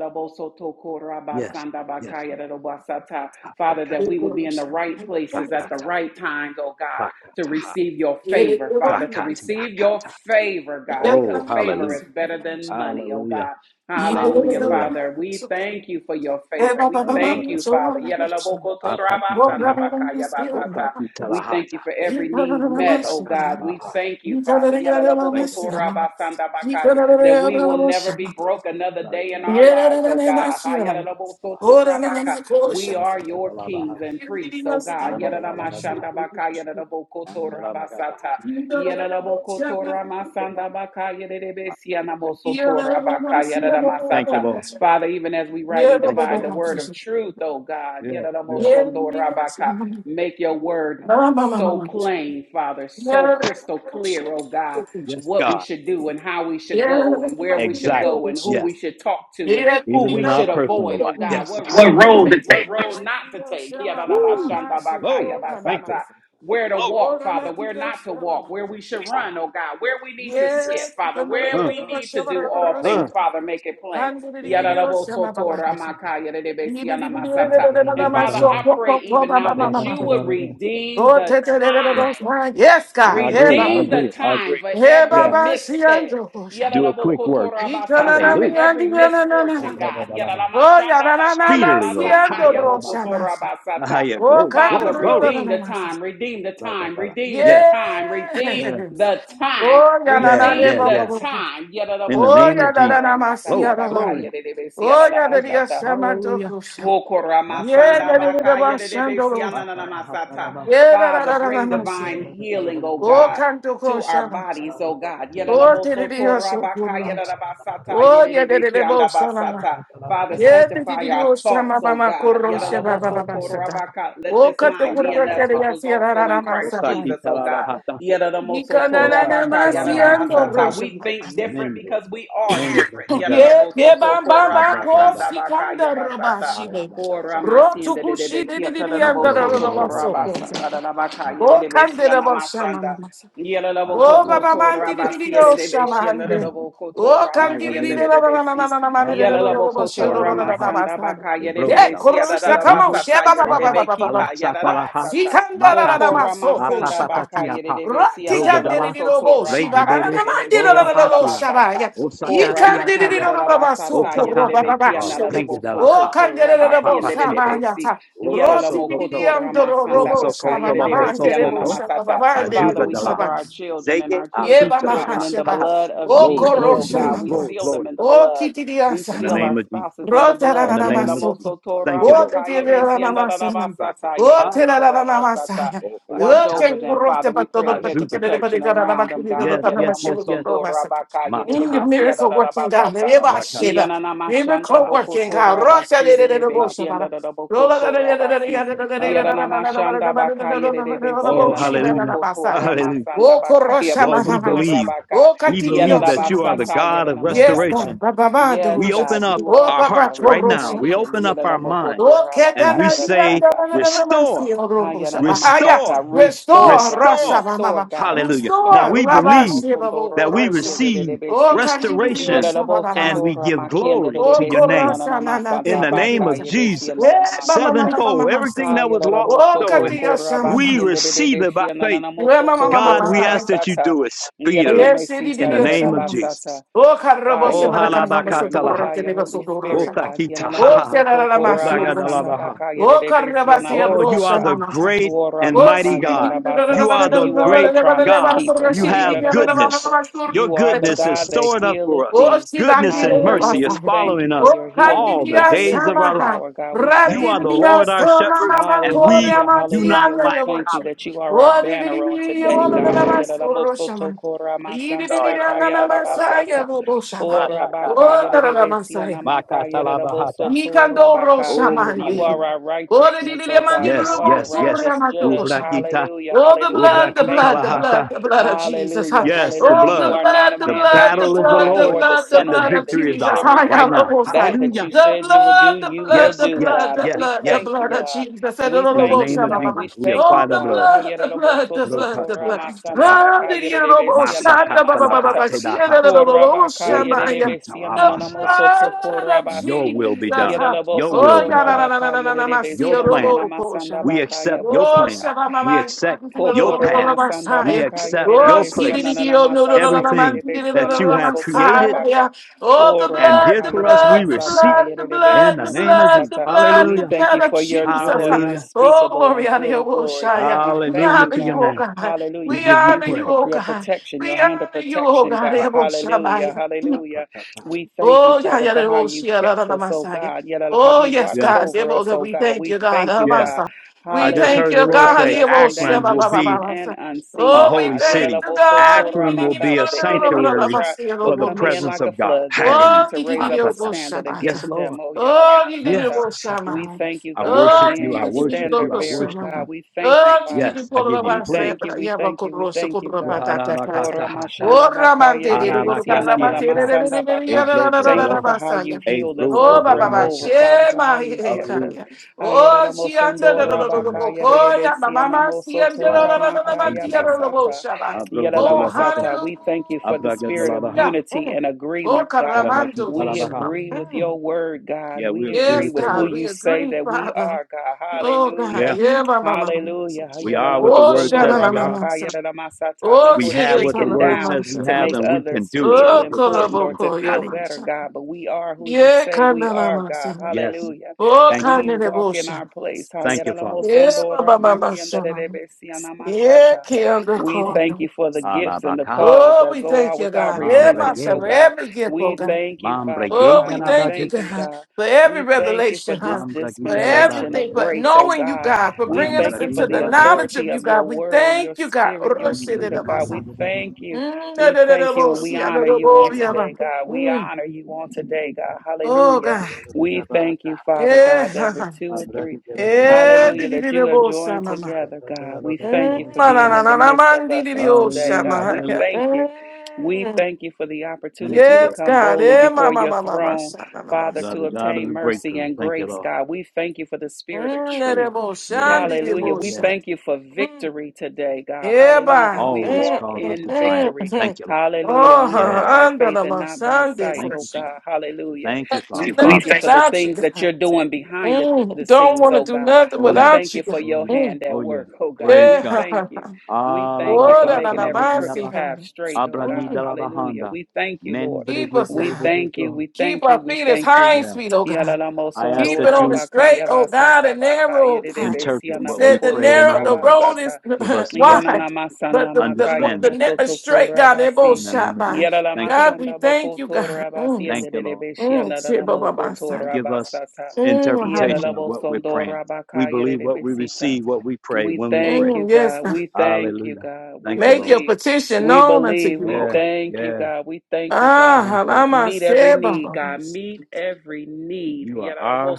S2: Yes. Yes, Lord. Ah,
S3: Father, that
S2: Prakata.
S3: we would be in the right places
S1: you.
S3: at the
S2: Prakata.
S3: right time, oh God, to
S2: Prakataha.
S3: receive your favor, Father, to receive your
S2: akata.
S3: favor, God, because
S2: Oh,
S3: favor
S2: hallelujah.
S3: is better than money, oh
S2: Hallelujah.
S3: God. Hallelujah,
S2: Hallelujah.
S3: Father. We thank you for your favor. We thank you,
S2: Alabakasaka.
S3: Father. Yada
S1: Yeah,
S2: Aprakitaha.
S3: we
S2: Oh,
S3: thank you for every need
S2: O
S3: met, oh
S2: Prakat
S3: God. We
S2: Laha,
S3: thank you, Father.
S2: Regada,
S3: That we
S2: Ragadalaha,
S3: will never be broke another day in
S2: Raganala,
S3: our lives, oh God.
S2: Abrakalaha,
S3: We are your
S2: Mandagadalabaha,
S3: kings and priests, oh God.
S2: Mandalabagadaha, Mandalabagadaha, Thank you, Lord.
S3: Father, even as we rightly
S2: Thank you,
S3: divide the
S2: Lord.
S3: word of truth, oh God,
S2: Yeah, yeah.
S3: make your word so plain, Father, so crystal clear, oh God,
S2: Yes,
S3: what we
S2: God.
S3: should do and how we should go and
S1: What
S3: where we should
S2: Exactly.
S3: go and who
S2: Yeah.
S3: we should talk to and who
S2: Even
S3: we
S2: in our
S3: should
S2: personal
S3: avoid, oh
S2: life.
S3: God,
S2: Yes.
S3: what road to
S1: role
S2: Yes.
S1: to
S3: take, what
S1: take?
S3: road not to take.
S2: Woo. Glory. Thank you.
S3: Where to
S2: Glory.
S3: walk, Father, where not to walk, where we should run,
S2: Ah,
S3: oh God, where we
S1: Yes.
S3: need to skip,
S1: Yes,
S3: Father, where we need to do all things,
S2: uh,
S3: Father, make it plain. And Father, I pray even now that you
S2: uh.
S3: would redeem the
S2: Yeah,
S3: time.
S1: God.
S2: I
S1: Yeah,
S2: agree. I
S3: Redeem
S1: Baba.
S3: the
S2: agree. I
S3: time
S2: agree.
S3: for
S1: Yeah,
S3: every
S2: Yeah.
S1: Baba. See,
S3: misstep.
S1: Angel.
S2: Do a quick work.
S3: Yadadabokotorabasata, For
S2: Hallelujah.
S3: every misfortune, God.
S2: Abracadabra.
S1: Oh, ya na na na na,
S2: Speedily,
S1: si
S2: Lord.
S1: ando
S3: Yadadamashandabakayabasataya
S2: Higher
S1: rocha Oh,
S2: glory,
S1: cando
S3: Father,
S2: glory,
S1: ro
S2: glory.
S1: na na
S3: redeem the time, redeem the time,
S2: Abracadabra.
S3: redeem the
S2: Yeah.
S3: time, redeem
S2: Yeah.
S1: Yes.
S3: the time,
S1: Oh, ya na na
S2: Yeah.
S1: ne
S3: redeem
S2: Yeah.
S1: bo
S3: the
S2: Yeah.
S3: time.
S2: In the
S1: Oh,
S2: name of
S1: ya na na
S2: Jesus.
S1: na mas
S2: Glory,
S3: Yadadabosotokoramasandabakai,
S2: glory.
S1: Oh, ya de
S2: Hallelujah.
S1: dia
S3: yadadabasata.
S1: chama do
S2: Hallelujah.
S1: rocha. Ye de de
S2: Makatalahata,
S1: de
S2: matalahataraba,
S1: na
S3: Father,
S1: na na na
S3: bring
S1: mas.
S3: divine healing, oh
S1: Oh,
S3: God,
S1: cando
S3: to
S1: rocha.
S3: our bodies, oh God.
S1: Oh, did it hear so good? Oh, yeah, did it about Sarah?
S3: Father,
S1: Yeah, did it
S3: sanctify our
S1: hear some
S3: thoughts, oh
S1: Mama
S3: God.
S1: Corrosia Baba sata.
S3: Let
S1: Oh,
S3: this
S1: cut the
S3: mind be in us,
S2: Oh,
S3: which
S1: Corrosia
S3: was also in
S1: Sierra
S3: Christ
S2: Osaki
S1: Masatan.
S3: Jesus, oh God.
S2: talarahata,
S1: Nicanana
S2: Osaki
S3: Yadadamosotorabaka,
S1: Masiando
S3: yadadamasata.
S2: talarahatalahai,
S3: We
S1: Rosen.
S3: think different
S2: Mende,
S3: because we are
S2: Mende
S3: different.
S2: hidra,
S1: Yeah, yeah, bam, bam, bam, go,
S2: abragada,
S3: Yadadamosotokoramasandabaka,
S1: Sikanda
S3: yabasata.
S1: Rabashibe.
S2: alabakasakata,
S1: Rotukushi,
S3: Oramasiendedebeki,
S1: did it hear the
S2: ibrogodolohoto,
S3: yatadadamosotokorabasa,
S1: Rabaso?
S3: yadadabaka,
S1: Oh,
S3: yadadabesi,
S2: matapata.
S1: Candida
S3: yanamashanda.
S1: Boshamana. Oh,
S2: Hallelujah.
S1: Baba Man, di it,
S3: Yadadamokotorabasi,
S1: did oh,
S3: yadadabeshi,
S1: Shaman. Oh, come, di
S3: yadadamokotoramasi,
S1: di did
S2: Hallelujah.
S1: it, Baba Man,
S3: yadadabesi.
S1: Baba Man, di di di di
S2: Hallelujah.
S1: oh, oh, oh, she, oh, oh, oh,
S2: Satararaha,
S1: Baba Man.
S3: Yadadamokotoramasandabaka,
S1: Yeah,
S2: ebrogodala,
S3: yadadabesi,
S1: Kurusha, come on,
S2: ebrugo,
S1: she,
S3: yadadabasata,
S1: Baba, Baba,
S2: raga,
S1: Baba, Baba.
S2: ala
S3: yadadabekita,
S2: satalaha,
S1: She
S3: yadadabasata.
S1: can, da, da,
S3: Ho
S1: da, da,
S2: makati,
S1: ma,
S3: kora
S1: so, oh,
S3: masanda
S1: Shaba.
S3: baka
S2: apapatati
S3: yere
S2: apa,
S3: de besi
S1: Rati
S3: anada
S1: can,
S3: da
S1: di di
S2: brogodala,
S1: did,
S3: boso
S1: oh, oh,
S3: tora
S1: she,
S3: maka
S1: Baba, da,
S2: bregidere,
S3: yere
S1: da,
S3: de
S1: di did it,
S3: besi
S1: oh, oh,
S3: anada
S1: oh,
S3: da
S1: oh,
S2: olahatia,
S1: Shaba.
S3: basata.
S1: Yeah. You
S3: Hora
S1: can, di di
S3: makaya
S2: osakatiata,
S1: did, oh,
S3: yere
S1: oh,
S3: da
S1: oh, oh, so, oh,
S3: basata yere
S1: oh,
S3: de
S2: Osakata,
S1: Baba,
S3: beki
S1: Baba,
S2: uh,
S1: she,
S3: anada da boso
S1: oh,
S2: Rigedalaha,
S3: toto
S1: can, di di oh,
S3: rabaki
S1: oh,
S3: and de de
S1: Shaba,
S2: Apapachika,
S1: yeah,
S3: besi.
S1: ta.
S3: yala
S2: Roko
S3: la
S1: Roti, di
S3: moko
S1: di
S2: Sokoto,
S1: did, oh,
S3: tora
S1: oh, oh,
S3: masanda
S1: oh,
S2: Roso
S3: baka
S1: Shaba,
S3: yere
S1: da,
S3: de
S2: Kotoloho
S1: man,
S3: besi
S1: di di oh,
S3: anana
S2: Sokoto,
S1: Shaba,
S3: masata.
S1: Baba, di di
S3: Father,
S1: oh,
S3: we
S2: Ajugadala,
S3: cover
S1: Shaba.
S3: our children and
S2: Zeke
S3: our children's children
S2: Aputalaha.
S3: in the
S2: Ha, ha.
S3: blood of
S2: Glory,
S3: Jesus, oh
S2: glory,
S3: God.
S2: glory,
S3: We
S2: glory,
S3: seal
S2: glory.
S3: them in the blood. We
S2: In the
S3: seal our
S2: name of Jesus.
S3: spouses in the
S2: In
S3: blood.
S2: the name of Jesus. Thank you, Lord. Hallelujah. Sakataha,
S3: Yadadamosotoramakayebesiandadadabasatayabokotorabasata. Watch
S2: Opakita,
S3: over them, Father. We pray a hedge of
S2: Azugada.
S3: protection around them, God.
S2: Yes, yes, yes, yes. Mataha,
S3: Yadadamosondorabakayedebesiadadadabasata.
S2: Abrakata, Abrakata, Abra-
S3: Yananamashandabokotorabasiyedebesiandadadabokotorabasi.
S2: Oh, hallelujah. Hallelujah.
S1: Oh, Korosha
S2: Lord, we
S1: Mahamas.
S2: believe.
S3: Yadanamashandabakayedebesiandadadamokotoramasandabakayabosotorabaka.
S1: Oh,
S2: We believe
S1: Katidios
S2: that you are the
S1: Mahamas.
S3: Yadadabasata,
S2: God of
S1: Yes,
S3: yadadamosata.
S1: God,
S2: restoration.
S1: Baba
S3: Yes,
S2: We
S1: Madhusha.
S2: open
S3: God,
S2: up
S3: you are
S1: Oh,
S2: our
S3: the God
S1: Baba
S2: hearts
S3: of
S2: right now.
S1: Korosha
S2: We
S3: restoration.
S2: open
S1: Mahamas.
S2: up our minds
S1: Oh,
S2: and we
S1: Ketana
S2: say,
S3: Yedanamokotorabakayedanamasata.
S2: Restore,
S1: Diandaramasi, Orobosha Bahaya.
S2: restore,
S3: Hayedanamasata. Restore,
S1: Restore
S3: God,
S2: restore.
S1: Rasha
S3: restore,
S1: Mama.
S3: God,
S2: Hallelujah. Now
S3: restore.
S1: Restore
S2: we
S1: Rabba
S2: believe
S1: Shiva o
S2: that we
S1: Korosha.
S2: receive
S1: Oh,
S3: Yedanamosondorabakiyedededebesi.
S2: restoration
S1: Kandidios
S2: and
S1: Mama.
S2: we give glory
S1: Oh,
S2: to your
S3: Yedanamosondoramakiyedededebesi.
S2: name.
S1: Korosha Nana
S2: In
S3: Ananamasanta
S1: Take
S2: the name of
S3: bakayebesi.
S2: Jesus,
S1: Eh, Baba
S3: Ananamasata.
S1: Mama
S2: sevenfold,
S1: Mama.
S2: everything that was lost and
S1: Oh,
S2: stolen,
S1: Katidios Mama.
S2: we receive it by
S3: Hayedanamosotokorabasiyedededebesi.
S2: faith.
S1: Mama! Mama Mama
S2: God, we ask
S1: Bahaya.
S2: that you
S3: Anananamosotokorabasata.
S2: do it speedily
S1: Yes, it is
S2: in
S3: Yedanamesita.
S2: the
S1: Dios.
S2: name of Jesus.
S3: Yedanabasata
S1: Oh,
S3: by
S1: caramba, se
S2: Oh
S3: your
S1: me
S3: Holy
S1: recargamos su
S3: Spirit.
S2: halabakata
S3: Move by
S1: correte
S2: lahata.
S3: your
S1: de su
S3: Holy
S2: Oh
S3: Spirit,
S1: rosa.
S3: God.
S2: prakita
S1: Oh,
S2: haha.
S1: se la
S3: Yananamosoto
S1: la
S2: Oh
S1: más
S3: kora
S1: rosa.
S3: masanda
S2: bragadalabaha.
S3: baka
S1: Oh,
S3: yadedebesi
S1: caramba, si la
S2: Oh, you are
S1: rosa,
S3: yanamasata
S2: the
S1: mamá.
S2: great
S3: ora
S2: and
S1: Oh,
S2: mighty
S3: maka
S1: si te
S2: God.
S1: digo que no le
S2: You
S1: van a
S2: are
S3: yadadabasata.
S1: dar
S2: the
S3: You
S1: una
S3: are the
S1: bala,
S2: great
S1: le van a
S3: promise
S1: levar
S2: God.
S1: su
S3: keeper.
S1: rosa,
S2: You
S3: Ha
S1: si te digo
S2: have
S1: que no le van a
S2: goodness.
S3: yadanamosoto.
S1: dar su
S2: Your
S3: You are the
S2: goodness is
S3: God that
S1: rosa.
S2: stored up for
S3: healeth
S2: us.
S1: Oh,
S3: thee.
S1: si van a
S2: Goodness
S1: ir
S2: and
S1: a
S3: Hallelujah.
S2: mercy is
S3: We
S1: pasar.
S3: thank you
S2: following
S3: for
S2: us
S1: Oh,
S3: your healing
S2: all
S3: and
S2: the
S3: your
S1: candidia,
S2: days of
S3: deliverance
S2: our life.
S1: samaha.
S3: power, God. We
S2: You
S3: thank
S2: are
S3: you,
S2: the
S3: God.
S1: Randidia,
S2: Lord our
S1: soma,
S2: shepherd,
S1: mamá,
S2: and
S1: corre,
S2: we
S3: Hallelujah,
S2: do
S1: amatia,
S2: not
S3: hallelujah. We
S1: le voy
S3: thank
S2: lack.
S3: you
S1: a
S3: that you
S2: Hallelujah.
S3: are our
S1: Oh, di di di
S3: banner on
S1: di, yo
S3: today,
S1: voy a
S3: God.
S1: dar su rosa,
S2: Sorry,
S3: Yadadamosotokoramasandabaka
S1: Yididididanamasaya,
S2: guys.
S3: yadadabasata.
S1: Bobo Shabaki.
S3: Orabaka
S2: Halabakata.
S1: Oh,
S2: Matakataha.
S1: Nanamasaya.
S3: yadadebesianamaka
S2: Makatalabahata.
S1: Mikandoro
S3: yadadabosotorabaka.
S2: Oh,
S3: You
S1: Shamandi.
S2: hallelujah.
S3: are our
S1: Ore di di
S3: righteousness,
S1: di
S3: oh
S1: amandi
S3: God. You
S2: Yes,
S3: are
S1: robo
S3: the
S2: yes, yes.
S1: tore
S3: righteous
S1: amatoko
S3: judge.
S1: shamandi.
S2: Ubrakita,
S3: Hallelujah,
S1: Oh, the
S3: hallelujah.
S1: blood,
S3: We
S1: the
S3: thank
S2: ubrakita
S1: blood,
S3: you,
S1: the
S3: God.
S1: blood,
S2: lahata.
S1: the blood of Jesus. huh?
S3: Hallelujah,
S2: Yes, the
S3: hallelujah.
S1: Oh, the
S3: You
S2: blood.
S3: are not
S1: blood,
S3: a
S1: the
S2: The
S3: man that
S1: blood,
S3: you
S1: the
S2: battle
S3: should
S2: is the
S1: blood,
S3: lie,
S1: the
S2: Lord's
S3: nor the
S1: blood, the
S3: son
S2: and
S3: of
S2: the
S1: blood
S3: man
S1: of
S3: that
S2: victory
S3: you
S2: is
S1: Jesus.
S3: should
S2: ours
S1: I
S2: right
S1: am
S3: repent.
S1: a
S2: now.
S3: That
S1: Messiah.
S3: that
S2: Hallelujah.
S3: you
S1: The
S3: said you would do,
S1: blood, the
S3: you will
S1: blood,
S2: Yes,
S1: the
S3: do,
S2: yes,
S1: blood,
S3: God.
S1: the
S3: And
S2: yes,
S3: we
S1: blood, the
S2: yes,
S3: thank you,
S1: blood of
S2: yes.
S3: God.
S1: Jesus. And the
S3: We
S2: In the
S1: robo
S3: thank you,
S2: name of
S3: God.
S1: shamabama.
S3: We
S2: Jesus, we
S3: thank you,
S2: apply
S1: Oh,
S2: the
S1: the
S3: God.
S2: blood.
S1: blood, the blood, the blood, the
S2: Brokata
S1: blood.
S2: lahata ha.
S1: Oh, the robo
S2: Masakata
S3: Hayerabosotokora-masandabaka-yererebesia-nananamasata.
S1: shamababa.
S2: lahate
S1: She and the
S2: lahate.
S1: robo shamaya.
S2: Ubrakita
S1: The
S2: labastaha.
S1: blood of
S2: Your
S3: Orabaka-yererebesia-nananamosotokorabasi.
S2: will be
S1: Jesus.
S2: done. Your will
S1: Oh,
S2: be
S1: yeah, na,
S2: done.
S1: na, na, na, na, na, na, na, see
S2: Your
S1: a
S3: yererebesia
S2: plan.
S1: robo portion.
S2: We accept your
S1: Oh,
S2: plan.
S1: Shabba,
S2: We
S1: mama,
S2: accept your
S3: Pokora
S2: path.
S3: masanda
S2: We
S1: Messiah.
S3: baka
S2: accept
S1: Oh,
S2: your
S3: yerebe
S1: see the
S3: siana
S2: place.
S3: na
S1: video, no, no, no,
S3: masata
S1: no, no, man,
S2: Everything
S3: yerebe
S2: that
S3: siana
S2: you have
S3: mosoto
S2: created
S1: Messiah.
S3: rabaka.
S1: Oh,
S3: O
S1: the
S2: and
S1: blood,
S2: did
S3: rabaka
S1: the
S2: for us,
S1: blood,
S2: we
S1: the
S2: receive
S3: yerebasata
S1: blood, the
S2: it
S3: yerebe
S1: blood,
S2: in the
S1: the
S3: siana
S2: name of
S1: blood,
S2: Jesus.
S1: the
S3: masata.
S1: blood,
S3: We
S1: the
S2: Hallelujah.
S3: thank
S1: blood
S3: you
S1: of
S3: for your
S1: Jesus.
S3: joy
S2: Hallelujah.
S1: Oh,
S3: unspeakable and
S1: glory,
S3: full
S1: hallelujah,
S3: of
S1: oh,
S3: glory, God.
S1: Shia.
S3: We
S1: We
S3: thank
S2: Hallelujah
S3: you,
S1: honor
S2: to
S1: you,
S2: your
S3: God.
S1: oh
S2: name.
S1: God.
S2: We
S3: Hallelujah.
S1: We
S3: We
S2: give you
S1: honor
S3: thank you
S1: you,
S2: praise.
S3: for
S1: oh
S3: your
S1: God.
S3: protection, your
S1: We
S3: hand of
S1: honor you, oh
S3: protection, God.
S2: Prakata,
S1: God.
S3: Hallelujah. Hallelujah.
S2: aprakata.
S3: We thank you,
S1: Oh, yeah,
S3: Father,
S1: yeah,
S3: for
S1: that
S3: how
S1: old
S3: you
S1: shit, uh,
S3: kept
S1: uh,
S3: us, oh
S1: Messiah.
S3: God. Yet have
S1: Oh,
S3: you
S1: yes,
S3: watched
S2: Yeah,
S1: God. yeah,
S3: over
S1: but
S3: us,
S1: that
S3: oh
S1: We
S3: God.
S1: thank
S3: We
S1: you, God.
S3: thank
S1: uh,
S3: you,
S2: yeah.
S3: God.
S1: Messiah.
S2: I
S1: We
S2: just
S1: thank
S2: heard
S3: Hallelujah.
S2: the
S1: you,
S2: Lord
S1: God.
S3: Protected
S2: say
S1: yeah,
S3: us
S1: Oh,
S3: from
S1: shit,
S2: Akron
S1: bah,
S3: danger,
S2: will
S1: bah, bah,
S2: be
S1: bah,
S3: seen and
S1: Messiah.
S2: a
S3: unseen,
S1: Oh, we
S2: holy
S3: God.
S2: city.
S1: thank
S3: Yadadamoso
S2: Akron will
S1: you,
S3: toramaka,
S2: be a
S3: Where the enemy would
S2: sanctuary
S3: try,
S2: for
S3: would
S2: the
S3: come
S1: God.
S3: in
S2: presence
S3: like a
S2: of God.
S3: flood. There are
S2: Hallelujah.
S3: you
S1: Oh,
S3: to
S1: di di
S3: raise
S1: di di,
S3: up a
S2: Aprakata.
S1: oh,
S3: standard
S2: Yes,
S1: Shabbat.
S3: against
S2: Lord.
S3: them. Oh,
S1: Oh, di di di,
S3: yadadamashata.
S2: Yes,
S1: oh,
S2: God.
S3: we
S1: Shabbat.
S3: thank you,
S2: I
S3: God, for
S1: Oh,
S2: worship
S1: di
S2: you.
S3: being
S2: I
S1: di
S3: a
S1: di di di,
S2: worship you.
S3: standard
S1: oh,
S2: I
S3: bearer,
S2: worship
S3: God.
S1: Shabbat.
S2: you.
S3: We thank you,
S1: Oh, di di
S3: Father.
S1: di,
S2: Yes, I give you
S1: oh,
S3: We thank you,
S2: praise.
S1: Shabbat.
S3: we
S1: Ya va
S3: thank
S1: con
S3: you, we
S1: rosso,
S3: thank
S1: con
S3: you,
S2: Oh,
S1: roba
S3: God.
S1: da da da.
S3: Oh,
S2: harabakatahata,
S1: Oh,
S3: ramashandabaka,
S1: ramante di, oh,
S3: yadadabisi,
S1: ramante di,
S2: harabakatiata,
S1: di di di di, ya
S3: yanadadamasandabaka.
S1: la la la la la
S3: Thank you
S1: la
S2: ebrogodolo,
S3: for how
S1: basaya.
S3: you've healed us
S1: Oh, ba
S3: over
S1: ba
S3: and
S1: ba,
S3: over,
S1: she
S2: ebrogodolomakata.
S3: Father, for how
S1: ma
S3: you have kept
S1: eka
S3: us.
S2: Hallelujah.
S1: ya.
S3: Ayara
S1: Oh, she anda la la
S2: Glory
S1: la
S2: to
S1: la la,
S2: you,
S3: bakaya
S1: oh ya, ma
S3: rebesia
S1: ma ma, she anda la
S2: Mama.
S3: namosotora
S1: la la la la la,
S3: makaya
S1: she anda la
S2: Abrogodolo,
S1: la la, oh
S3: basata.
S1: Shabbat.
S3: Yadada
S2: abrogodolohoto,
S1: Oh,
S3: We thank you for the spirit of
S2: abragadalabaha,
S1: yeah.
S3: unity
S1: Mm.
S3: and agreement,
S1: Lord,
S3: God.
S1: karamando
S3: We
S2: garabakitarabaha.
S1: koshema.
S3: agree with
S1: Mm.
S3: your word, God.
S2: Yeah, we
S3: We
S2: agree
S3: agree
S1: Yes,
S2: with
S3: with
S2: your
S3: who
S1: God,
S2: word.
S3: you
S1: we
S3: say
S1: agree,
S3: that we
S1: Father.
S3: are, God.
S1: Oh, God.
S3: Hallelujah.
S2: Yeah,
S1: Yeah, Mama. mama.
S3: Hallelujah.
S2: we are
S3: Yadada
S2: what the
S1: Oh,
S2: word
S1: Shana,
S2: says we
S1: Mama.
S2: are.
S1: mama.
S3: bakaya yadada No
S1: Oh,
S2: We
S3: more
S2: have
S1: Shire,
S2: what the
S3: shrieking
S1: Mama.
S2: word
S3: down
S1: mama,
S2: says we
S3: to
S2: have,
S1: Shana.
S3: make
S2: and we can
S3: others
S2: do what the
S3: feel
S1: Oh,
S2: word says we
S3: important or
S2: can do.
S3: to
S1: Koroboko,
S3: feel
S1: Yama.
S2: Hallelujah.
S3: better,
S1: Shana.
S3: God. But we are who you
S1: Yeah,
S3: say we
S1: Kana,
S3: are,
S1: Mama.
S3: God.
S1: Shana.
S2: Yes,
S3: Hallelujah.
S1: Oh,
S2: thank you.
S3: We
S1: Kana,
S3: walk
S1: Rebo,
S3: in our
S1: Shana.
S3: place.
S2: Thank you, Father.
S1: Yeah, Mama, Mama. Shana.
S3: si
S1: Yeah, Kianga,
S3: We thank
S1: Kona.
S3: you for the gifts and the
S2: Alabaka,
S3: calls
S1: Oh,
S3: that
S1: we
S3: go out
S1: thank you,
S3: without
S1: God. Yeah,
S3: repentance, oh
S1: Mama.
S2: mambrageda,
S3: God.
S1: Every gift, oh,
S3: We
S1: God.
S3: thank you, Father
S1: Oh,
S3: God.
S2: mambrageda
S1: we
S3: We
S1: thank you,
S3: thank you,
S2: labadusta,
S1: God,
S3: God.
S1: for every
S3: We thank you for
S1: revelation,
S3: this
S1: huh? for
S2: mambragida
S3: dispensation of
S1: everything,
S2: labahota,
S1: for
S3: grace, oh
S1: knowing you,
S3: God.
S1: God, for
S3: We
S1: bringing us
S3: thank you for
S1: into
S2: mambragida
S3: the
S1: the
S2: labahota,
S1: knowledge
S3: authority
S1: of you,
S3: of your
S1: God. We
S3: word, your
S1: thank you, God.
S3: spirit, your kingdom,
S2: mambragida
S3: God.
S1: Oroshedelebasa.
S3: We
S2: labahota,
S3: thank you.
S1: Mm,
S3: We thank you and we honor you on
S1: dadadadabosiadadaboriaba.
S3: today, God. We
S1: Mm.
S3: honor you on today, God.
S1: Oh,
S3: Hallelujah.
S1: God.
S3: We thank you, Father God, that with
S1: Yeah.
S3: two or three,
S1: Eh,
S3: hallelujah, that you have
S1: didididebosa,
S3: joined
S1: mama.
S3: together, God. We thank
S1: Mm,
S3: you for being in the midst of us on today,
S2: Hallelujah,
S3: God. We
S1: manananamandididiosama. Yeah.
S2: hallelujah.
S3: thank you. We
S1: Mm.
S3: thank you for the
S2: Thank
S3: opportunity
S2: you,
S3: to
S2: Lord.
S1: Yes,
S3: come
S1: God.
S3: boldly
S1: Eh,
S3: before
S1: mama,
S3: your
S1: mama, mama,
S3: throne, Father,
S2: You are
S1: mama.
S3: to
S2: the God of
S3: obtain
S2: the
S3: mercy
S2: breakthrough.
S3: and
S2: Thank you,
S3: grace,
S2: Lord.
S3: God. We thank you for the spirit of
S1: Mm, that a
S3: truth.
S1: bullshit,
S2: Yes,
S1: did you
S3: Hallelujah.
S2: yes,
S3: We
S1: bullshit?
S2: yes.
S3: thank you for
S1: Mm,
S3: victory today, God.
S1: yeah,
S3: Hallelujah.
S1: bah.
S3: We
S2: Always
S1: Mm,
S3: walk
S2: calls us
S1: mm,
S3: in
S2: to triumph.
S1: mm,
S3: victory.
S2: Thank
S1: mm.
S2: you, Lord.
S3: Hallelujah. And
S1: Oh,
S3: we walk
S2: Yes.
S1: huh,
S3: by
S1: under
S3: faith
S1: the
S3: and
S1: my
S3: not by
S1: Sunday
S3: sight,
S2: Thank
S3: oh
S2: you,
S1: question.
S2: Father.
S3: God. Hallelujah.
S2: Thank you,
S1: Can't do
S2: Father.
S3: We
S1: nothing
S3: thank you for the
S1: Without you,
S3: things that
S1: God.
S3: you're doing behind the, the
S1: Mm, don't
S3: scenes,
S1: want to
S3: oh
S1: do
S3: God.
S1: nothing
S2: Oh
S3: We
S2: yeah.
S3: thank
S1: without
S3: you
S1: you,
S3: for
S1: God.
S2: Oh
S3: your
S2: yeah.
S1: Mm,
S3: hand at
S2: Oh yeah.
S3: work, oh God.
S2: Praise
S3: We
S2: God.
S3: thank
S1: yeah.
S3: you. We thank you
S1: Oh,
S3: for
S1: da,
S2: Alabata
S1: da,
S3: making
S1: da,
S3: every
S1: mercy,
S3: crooked
S2: salabakiaba
S1: huh.
S3: path straight, oh God.
S2: abragida
S1: Mm,
S3: Hallelujah.
S2: labahanda.
S3: We thank you,
S2: Men
S3: Lord.
S1: keep us,
S3: We
S1: God.
S3: thank you.
S2: bregiderevekoto.
S3: We
S1: Keep
S3: thank you.
S1: our
S3: We
S1: feet as
S3: thank
S1: high
S3: you.
S1: and
S2: Yeah.
S1: sweet, oh God.
S3: Yalalamo
S2: I ask
S1: Keep
S3: sondo
S1: it
S2: that
S1: on the
S2: you
S3: rabaka
S1: straight, oh God,
S3: yabasata
S1: and
S3: baka
S1: narrow, oh God.
S3: yerebe
S2: interpret
S1: You
S3: siana
S2: what we
S1: said the
S2: prayed
S3: mokoto
S2: in the
S1: narrow,
S2: Holy
S1: the road
S2: Ghost.
S3: rabasata.
S1: is
S2: Give us
S1: wide,
S2: wisdom,
S3: Yanana
S1: but
S3: Masanda
S1: the the
S3: Makaya
S1: the
S2: understanding
S1: net is
S3: Bosoto
S1: straight, God. They
S2: in
S1: both
S3: Kurabasi.
S2: the
S1: shot
S2: name of Jesus.
S1: by.
S3: Yadala
S2: Thank you,
S1: God,
S2: Lord.
S1: we
S3: Mashanda
S1: thank you,
S3: Bokoto
S1: God.
S3: Rabasi
S1: Mm,
S3: and
S2: Thank you, Lord.
S3: Dedebeshi and
S1: mm, shit, blah, blah, blah,
S3: Adalamokoto
S1: son.
S2: Give us
S3: Rabasata.
S1: Mm, honey.
S3: Yadala
S2: interpretation of what we're
S3: Bosondo
S2: praying. We
S3: Rabakaya
S2: believe what we
S3: Debesita.
S2: receive, what we pray
S3: We
S2: when we
S3: thank
S2: pray.
S3: you,
S1: Mm, yes,
S3: God.
S1: God.
S3: We thank you,
S2: Hallelujah.
S3: God. We
S2: Thank you,
S1: Make
S2: Lord.
S1: your
S3: believe.
S1: petition
S3: We
S1: known unto
S3: believe.
S1: you,
S3: We
S1: oh
S2: Yeah,
S1: God.
S3: thank you,
S2: yeah.
S3: God. We thank you,
S1: Ah,
S3: God.
S2: Thank you, Lord.
S1: halama
S3: Meet every
S1: seba.
S3: need, God. Meet every need.
S2: You are our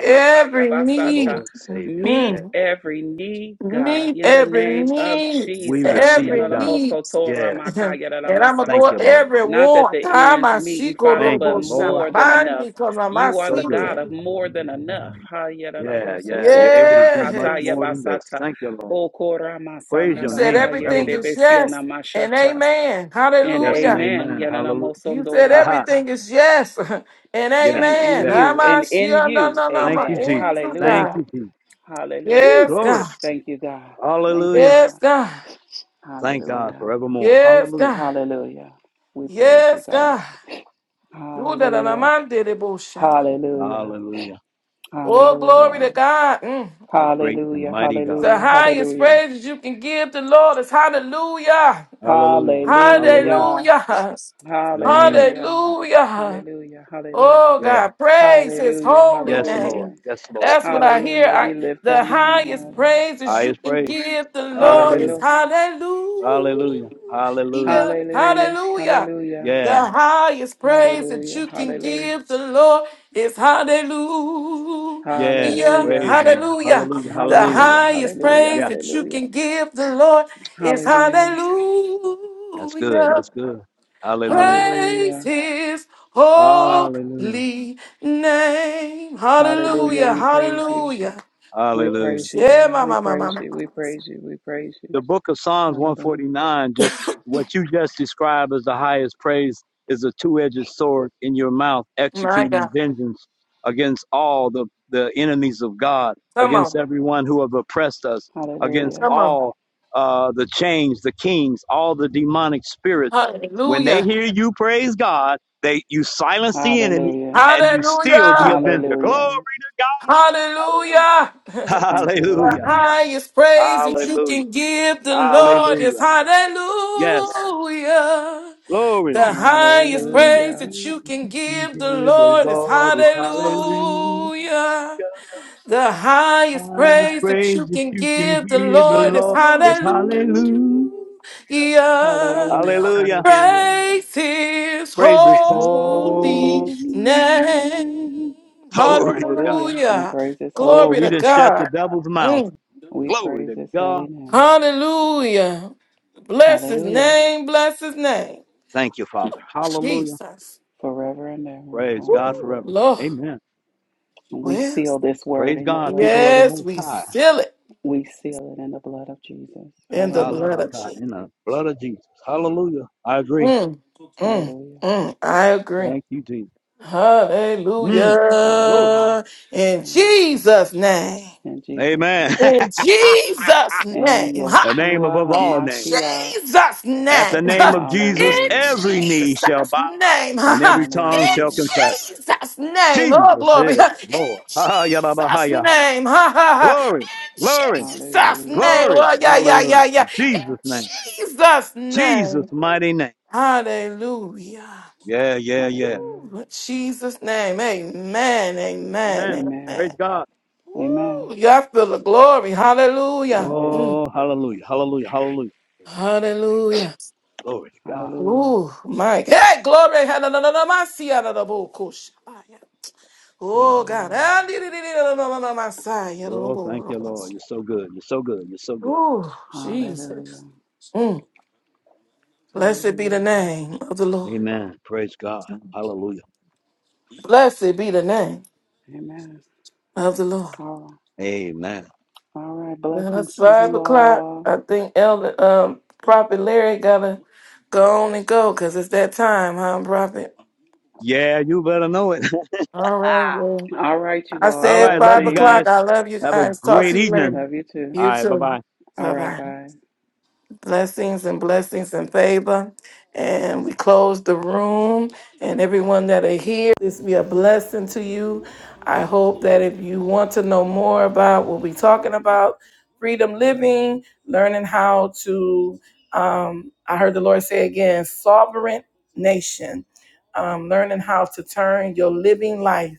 S1: Every
S2: the
S1: need.
S2: Lord
S1: Mm,
S2: Savior.
S3: Meet
S1: mm.
S2: Yeah.
S3: every need, God,
S1: need,
S3: in the
S1: every
S3: name of
S1: need,
S2: We
S3: Jesus.
S2: receive
S1: every
S2: it done.
S1: need.
S2: Yeah.
S1: and I'm gonna
S2: Thank
S1: go
S3: Yararamosoto-ramakayararamasata.
S2: you, Lord.
S1: every
S3: Not that the
S1: want. Time
S3: ends
S1: I see
S3: meeting, Father,
S2: Thank
S3: but
S2: you,
S1: Korobo
S2: Lord.
S1: Shama.
S3: more than
S1: Mine
S3: enough.
S1: because I'm a
S2: You're
S3: You are
S2: so
S3: the
S2: good.
S3: God of
S1: seeking.
S3: more than enough.
S2: Yeah, yeah. You're able to do much
S1: Yes.
S2: more than this. Thank you, Lord. Praise
S1: You
S2: your
S1: said
S2: name
S1: everything
S2: forevermore.
S1: is yes and amen.
S3: And
S2: Yes and
S1: Hallelujah.
S3: amen.
S2: amen. Hallelujah.
S1: You said
S2: Ha ha.
S1: everything is yes and
S2: Yeah,
S3: And in
S1: amen.
S2: yeah.
S3: you,
S1: I'm
S3: and
S1: a
S3: in
S1: sure. No,
S3: you,
S1: no, no,
S2: Thank
S1: no.
S2: you,
S3: amen.
S2: Jesus.
S1: In you,
S2: Thank
S3: Hallelujah.
S1: God.
S2: you, Jesus. Woo,
S3: Hallelujah.
S1: Yes,
S2: glory.
S1: God.
S3: Thank you, God. Thank you,
S2: Hallelujah.
S1: Yes,
S3: God.
S1: God.
S2: Thank God
S3: Hallelujah.
S2: forevermore.
S1: Yes,
S2: Hallelujah.
S1: God.
S3: Hallelujah. We praise you,
S1: Yes,
S3: God.
S1: God. ooh da da da
S3: Hallelujah.
S1: man de de bo
S3: Hallelujah.
S2: Hallelujah.
S1: Oh, glory to
S3: Hallelujah.
S1: God. Mm.
S2: Our great and
S3: Hallelujah.
S2: mighty
S1: It's
S2: God.
S1: the
S3: Hallelujah.
S1: highest
S3: Hallelujah.
S1: praise you can give the Lord. It's hallelujah.
S2: Hallelujah. Hallelujah.
S3: Hallelujah.
S1: Hallelujah.
S2: Your name is
S3: Hallelujah.
S2: strong.
S1: Hallelujah.
S3: Hallelujah. Hallelujah.
S1: Oh
S2: Yeah.
S1: God, praise his
S3: Hallelujah.
S1: holy
S2: Yes, Lord.
S3: Hallelujah.
S1: name.
S2: Yes, Lord.
S1: That's what
S2: Yes,
S1: I
S2: Lord.
S1: hear.
S3: Hallelujah. We
S1: I
S3: lift your
S1: the
S3: name
S1: highest
S3: up.
S1: praises
S2: I
S1: you
S2: is
S1: can
S2: praise.
S1: give the Lord is
S2: Hallelujah.
S3: Hallelujah.
S1: hallelujah.
S2: Hallelujah. Hallelujah.
S3: Hallelujah.
S1: Hallelujah.
S3: Hallelujah.
S1: The
S2: Yeah.
S1: highest praise that
S3: Hallelujah.
S1: you can
S3: Hallelujah.
S1: give the Lord is hallelujah.
S2: Yeah.
S3: Hallelujah.
S2: Praise the Lord.
S1: Hallelujah.
S2: Hallelujah.
S1: The
S2: Hallelujah.
S3: Hallelujah. Hallelujah.
S1: highest praise
S2: Yeah.
S1: that you
S3: Hallelujah.
S1: can give the Lord is
S3: Hallelujah.
S2: That's good.
S1: hallelujah.
S2: That's good. Hallelujah.
S1: Praise
S3: Hallelujah.
S1: his
S2: Hallelujah.
S1: holy name.
S3: Hallelujah.
S1: Hallelujah.
S3: We praise you.
S1: Hallelujah.
S3: We
S2: Hallelujah.
S3: praise you,
S1: Yeah,
S3: God.
S1: my,
S3: We
S1: my, my, my,
S3: praise
S1: my.
S3: you. We praise you. We praise you.
S2: the book of Psalms
S3: Hallelujah.
S2: 149, just what you just described as the highest praise, is a two edged sword in your mouth,
S1: My
S2: executing
S1: God.
S2: vengeance against all the, the enemies of God,
S1: Come
S2: against
S1: on.
S2: everyone who have oppressed us, against
S3: Hallelujah.
S1: Come on.
S2: all uh, the chains, the kings, all the demonic spirits. When they
S1: Hallelujah.
S2: hear you praise God, they you silence the enemy
S3: Hallelujah.
S2: and you steal the
S1: Hallelujah.
S2: avenger.
S3: Hallelujah.
S2: Glory to
S1: Hallelujah. the
S2: God.
S3: Thank
S2: Hallelujah.
S3: you, Lord.
S2: Hallelujah.
S1: highest praise that you
S2: Hallelujah.
S1: can give the Lord
S2: Hallelujah.
S1: is
S2: Yes.
S1: hallelujah.
S2: Glory.
S1: The
S2: I
S1: highest praise
S3: Hallelujah.
S1: that
S2: praise
S1: you
S2: that
S1: can
S2: you can
S1: give the
S2: give the
S1: Lord is
S2: Lord is hallelujah.
S1: hallelujah. The highest
S2: Highest
S1: praise that
S2: praise
S1: you
S2: that
S1: can
S2: you can
S1: give the
S2: give the
S1: Lord is
S2: Lord is
S1: hallelujah.
S2: hallelujah.
S3: Hallelujah.
S2: Hallelujah.
S3: Hallelujah.
S1: Praise his
S2: Praise his
S1: holy
S2: whole
S3: Holy
S1: name.
S3: name.
S2: glory to God.
S3: Hallelujah. We
S1: Hallelujah.
S3: praise his holy
S2: Oh,
S1: Glory
S2: we
S1: to
S2: didn't
S3: name.
S2: shut the
S1: God.
S2: devil's mouth.
S1: Mm.
S3: We
S2: Glory
S3: praise
S2: to
S3: his holy
S2: God.
S3: name.
S1: Hallelujah. Bless his
S3: Hallelujah.
S1: name. Bless his name.
S2: Thank you, Father. Hallelujah.
S1: Jesus.
S3: Forever and ever.
S2: Praise God
S1: Woo.
S3: Hallelujah.
S2: forever.
S1: Lord.
S2: Amen.
S3: We seal
S1: Yes.
S3: this word
S2: Praise
S3: in the
S2: God,
S3: blood.
S2: people of the
S1: Yes,
S2: Most
S1: we
S2: High.
S1: seal it
S3: We seal it in the blood of Jesus.
S1: in the
S2: Allah
S3: Hallelujah.
S1: blood of Jesus.
S2: in the blood of Jesus. Hallelujah. I agree.
S1: Mm, mm,
S3: Hallelujah.
S1: mm. I agree.
S2: Thank you, Jesus. Mm. Glory.
S3: Hallelujah.
S1: Hallelujah. In
S3: In
S1: Jesus' name.
S3: Jesus'
S2: Amen.
S3: name.
S1: In Jesus'
S3: and
S1: name.
S2: the
S1: Ha!
S2: name
S3: Yeshua
S2: above all
S1: In
S2: names.
S3: HaMashiach.
S1: Jesus'
S2: At the
S1: name.
S2: name
S1: Ha!
S2: of Jesus,
S1: In
S3: Hallelujah.
S2: every knee
S1: Jesus'
S2: shall bow
S1: name. Ha!
S2: and every
S1: ha.
S2: tongue
S1: In
S2: shall
S3: Hallelujah.
S2: confess.
S1: Jesus' name. Oh,
S2: Jesus
S1: glory.
S2: is
S1: Ha!
S2: Lord.
S1: In
S2: Ha,
S1: Jesus' name. Ha, ha, ha.
S2: Glory,
S1: In
S2: glory,
S1: Jesus' name.
S3: Hallelujah.
S2: glory.
S1: Oh, yeah, yeah, yeah,
S2: Hallelujah.
S1: yeah.
S2: In
S1: In
S2: Jesus' name.
S1: Jesus'
S2: Jesus'
S1: name.
S2: mighty name.
S1: Hallelujah.
S2: Yeah, yeah, yeah.
S3: Hallelujah.
S1: In Jesus' name. Amen. Amen.
S2: Amen.
S3: Amen.
S2: Praise
S1: Amen.
S2: God.
S3: Amen.
S1: Ooh, y'all feel the glory. Hallelujah.
S3: Amen.
S1: Mm.
S2: Oh, hallelujah. Hallelujah. Hallelujah.
S1: Hallelujah.
S2: Glory to God.
S3: Hallelujah.
S1: Ooh, my God. Hey, glory. Hallelujah. Oh, God.
S3: Hallelujah.
S2: Oh, thank
S1: Hallelujah.
S2: you, Lord. You're so good. You're so good. You're so good.
S1: Ooh,
S3: Hallelujah.
S1: Jesus. Mm. Blessed be the
S3: Hallelujah.
S1: name of the Lord.
S2: Amen. Praise God. Hallelujah.
S1: Blessed be the name
S3: Amen.
S1: of the Lord.
S3: All right.
S2: Amen.
S3: All right.
S1: Well,
S3: Blessings
S1: it's
S3: to
S1: five
S3: you
S1: o'clock.
S3: all.
S1: I think Elder, um, Prophet Larry gotta go on and go because it's that time, huh, Prophet?
S2: Yeah, you better know it.
S1: All right, well,
S3: All right, you
S1: I
S3: all.
S2: All
S1: said
S2: right. Love
S1: five
S2: you
S3: Blessings.
S1: o'clock.
S2: guys.
S1: I love you
S2: Have a
S1: guys. Talk
S2: great
S1: to you
S2: evening.
S1: later.
S3: Love you too.
S2: All
S1: You
S2: right. Bye bye.
S1: too.
S3: All
S1: Bye bye.
S3: right. Bye.
S1: blessings and blessings and favor. And we close the room and everyone that are here, this be a blessing to you. I hope that if you want to know more about what we're talking about, freedom living, learning how to, um, I heard the Lord say again, sovereign nation, um, learning how to turn your living life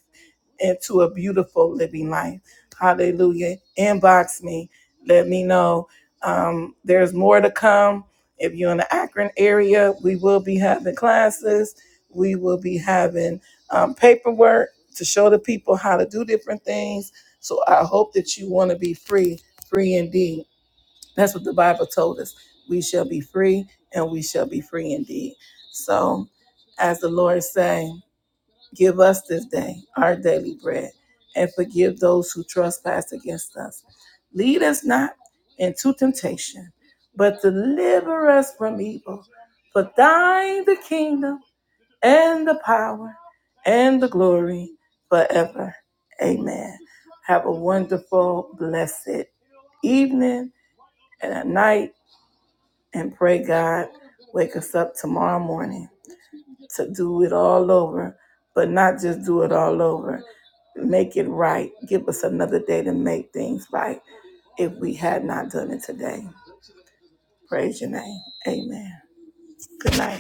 S1: into a beautiful living life. Hallelujah. Inbox me. Let me know. Um, there's more to come. If you're in the Akron area, we will be having classes. We will be having um, paperwork to show the people how to do different things. So I hope that you want to be free, free indeed. That's what the Bible told us. We shall be free and we shall be free indeed. So, as the Lord say. Give us this day our daily bread, and forgive those who trespass against us. Lead us not into temptation, but deliver us from evil. For thine the kingdom, and the power, and the glory forever. Amen. Have a wonderful, blessed evening and a night, and pray God wake us up tomorrow morning to do it all over, but not just do it all over. Make it right. Give us another day to make things right if we had not done it today. Praise your name. Amen. Good night.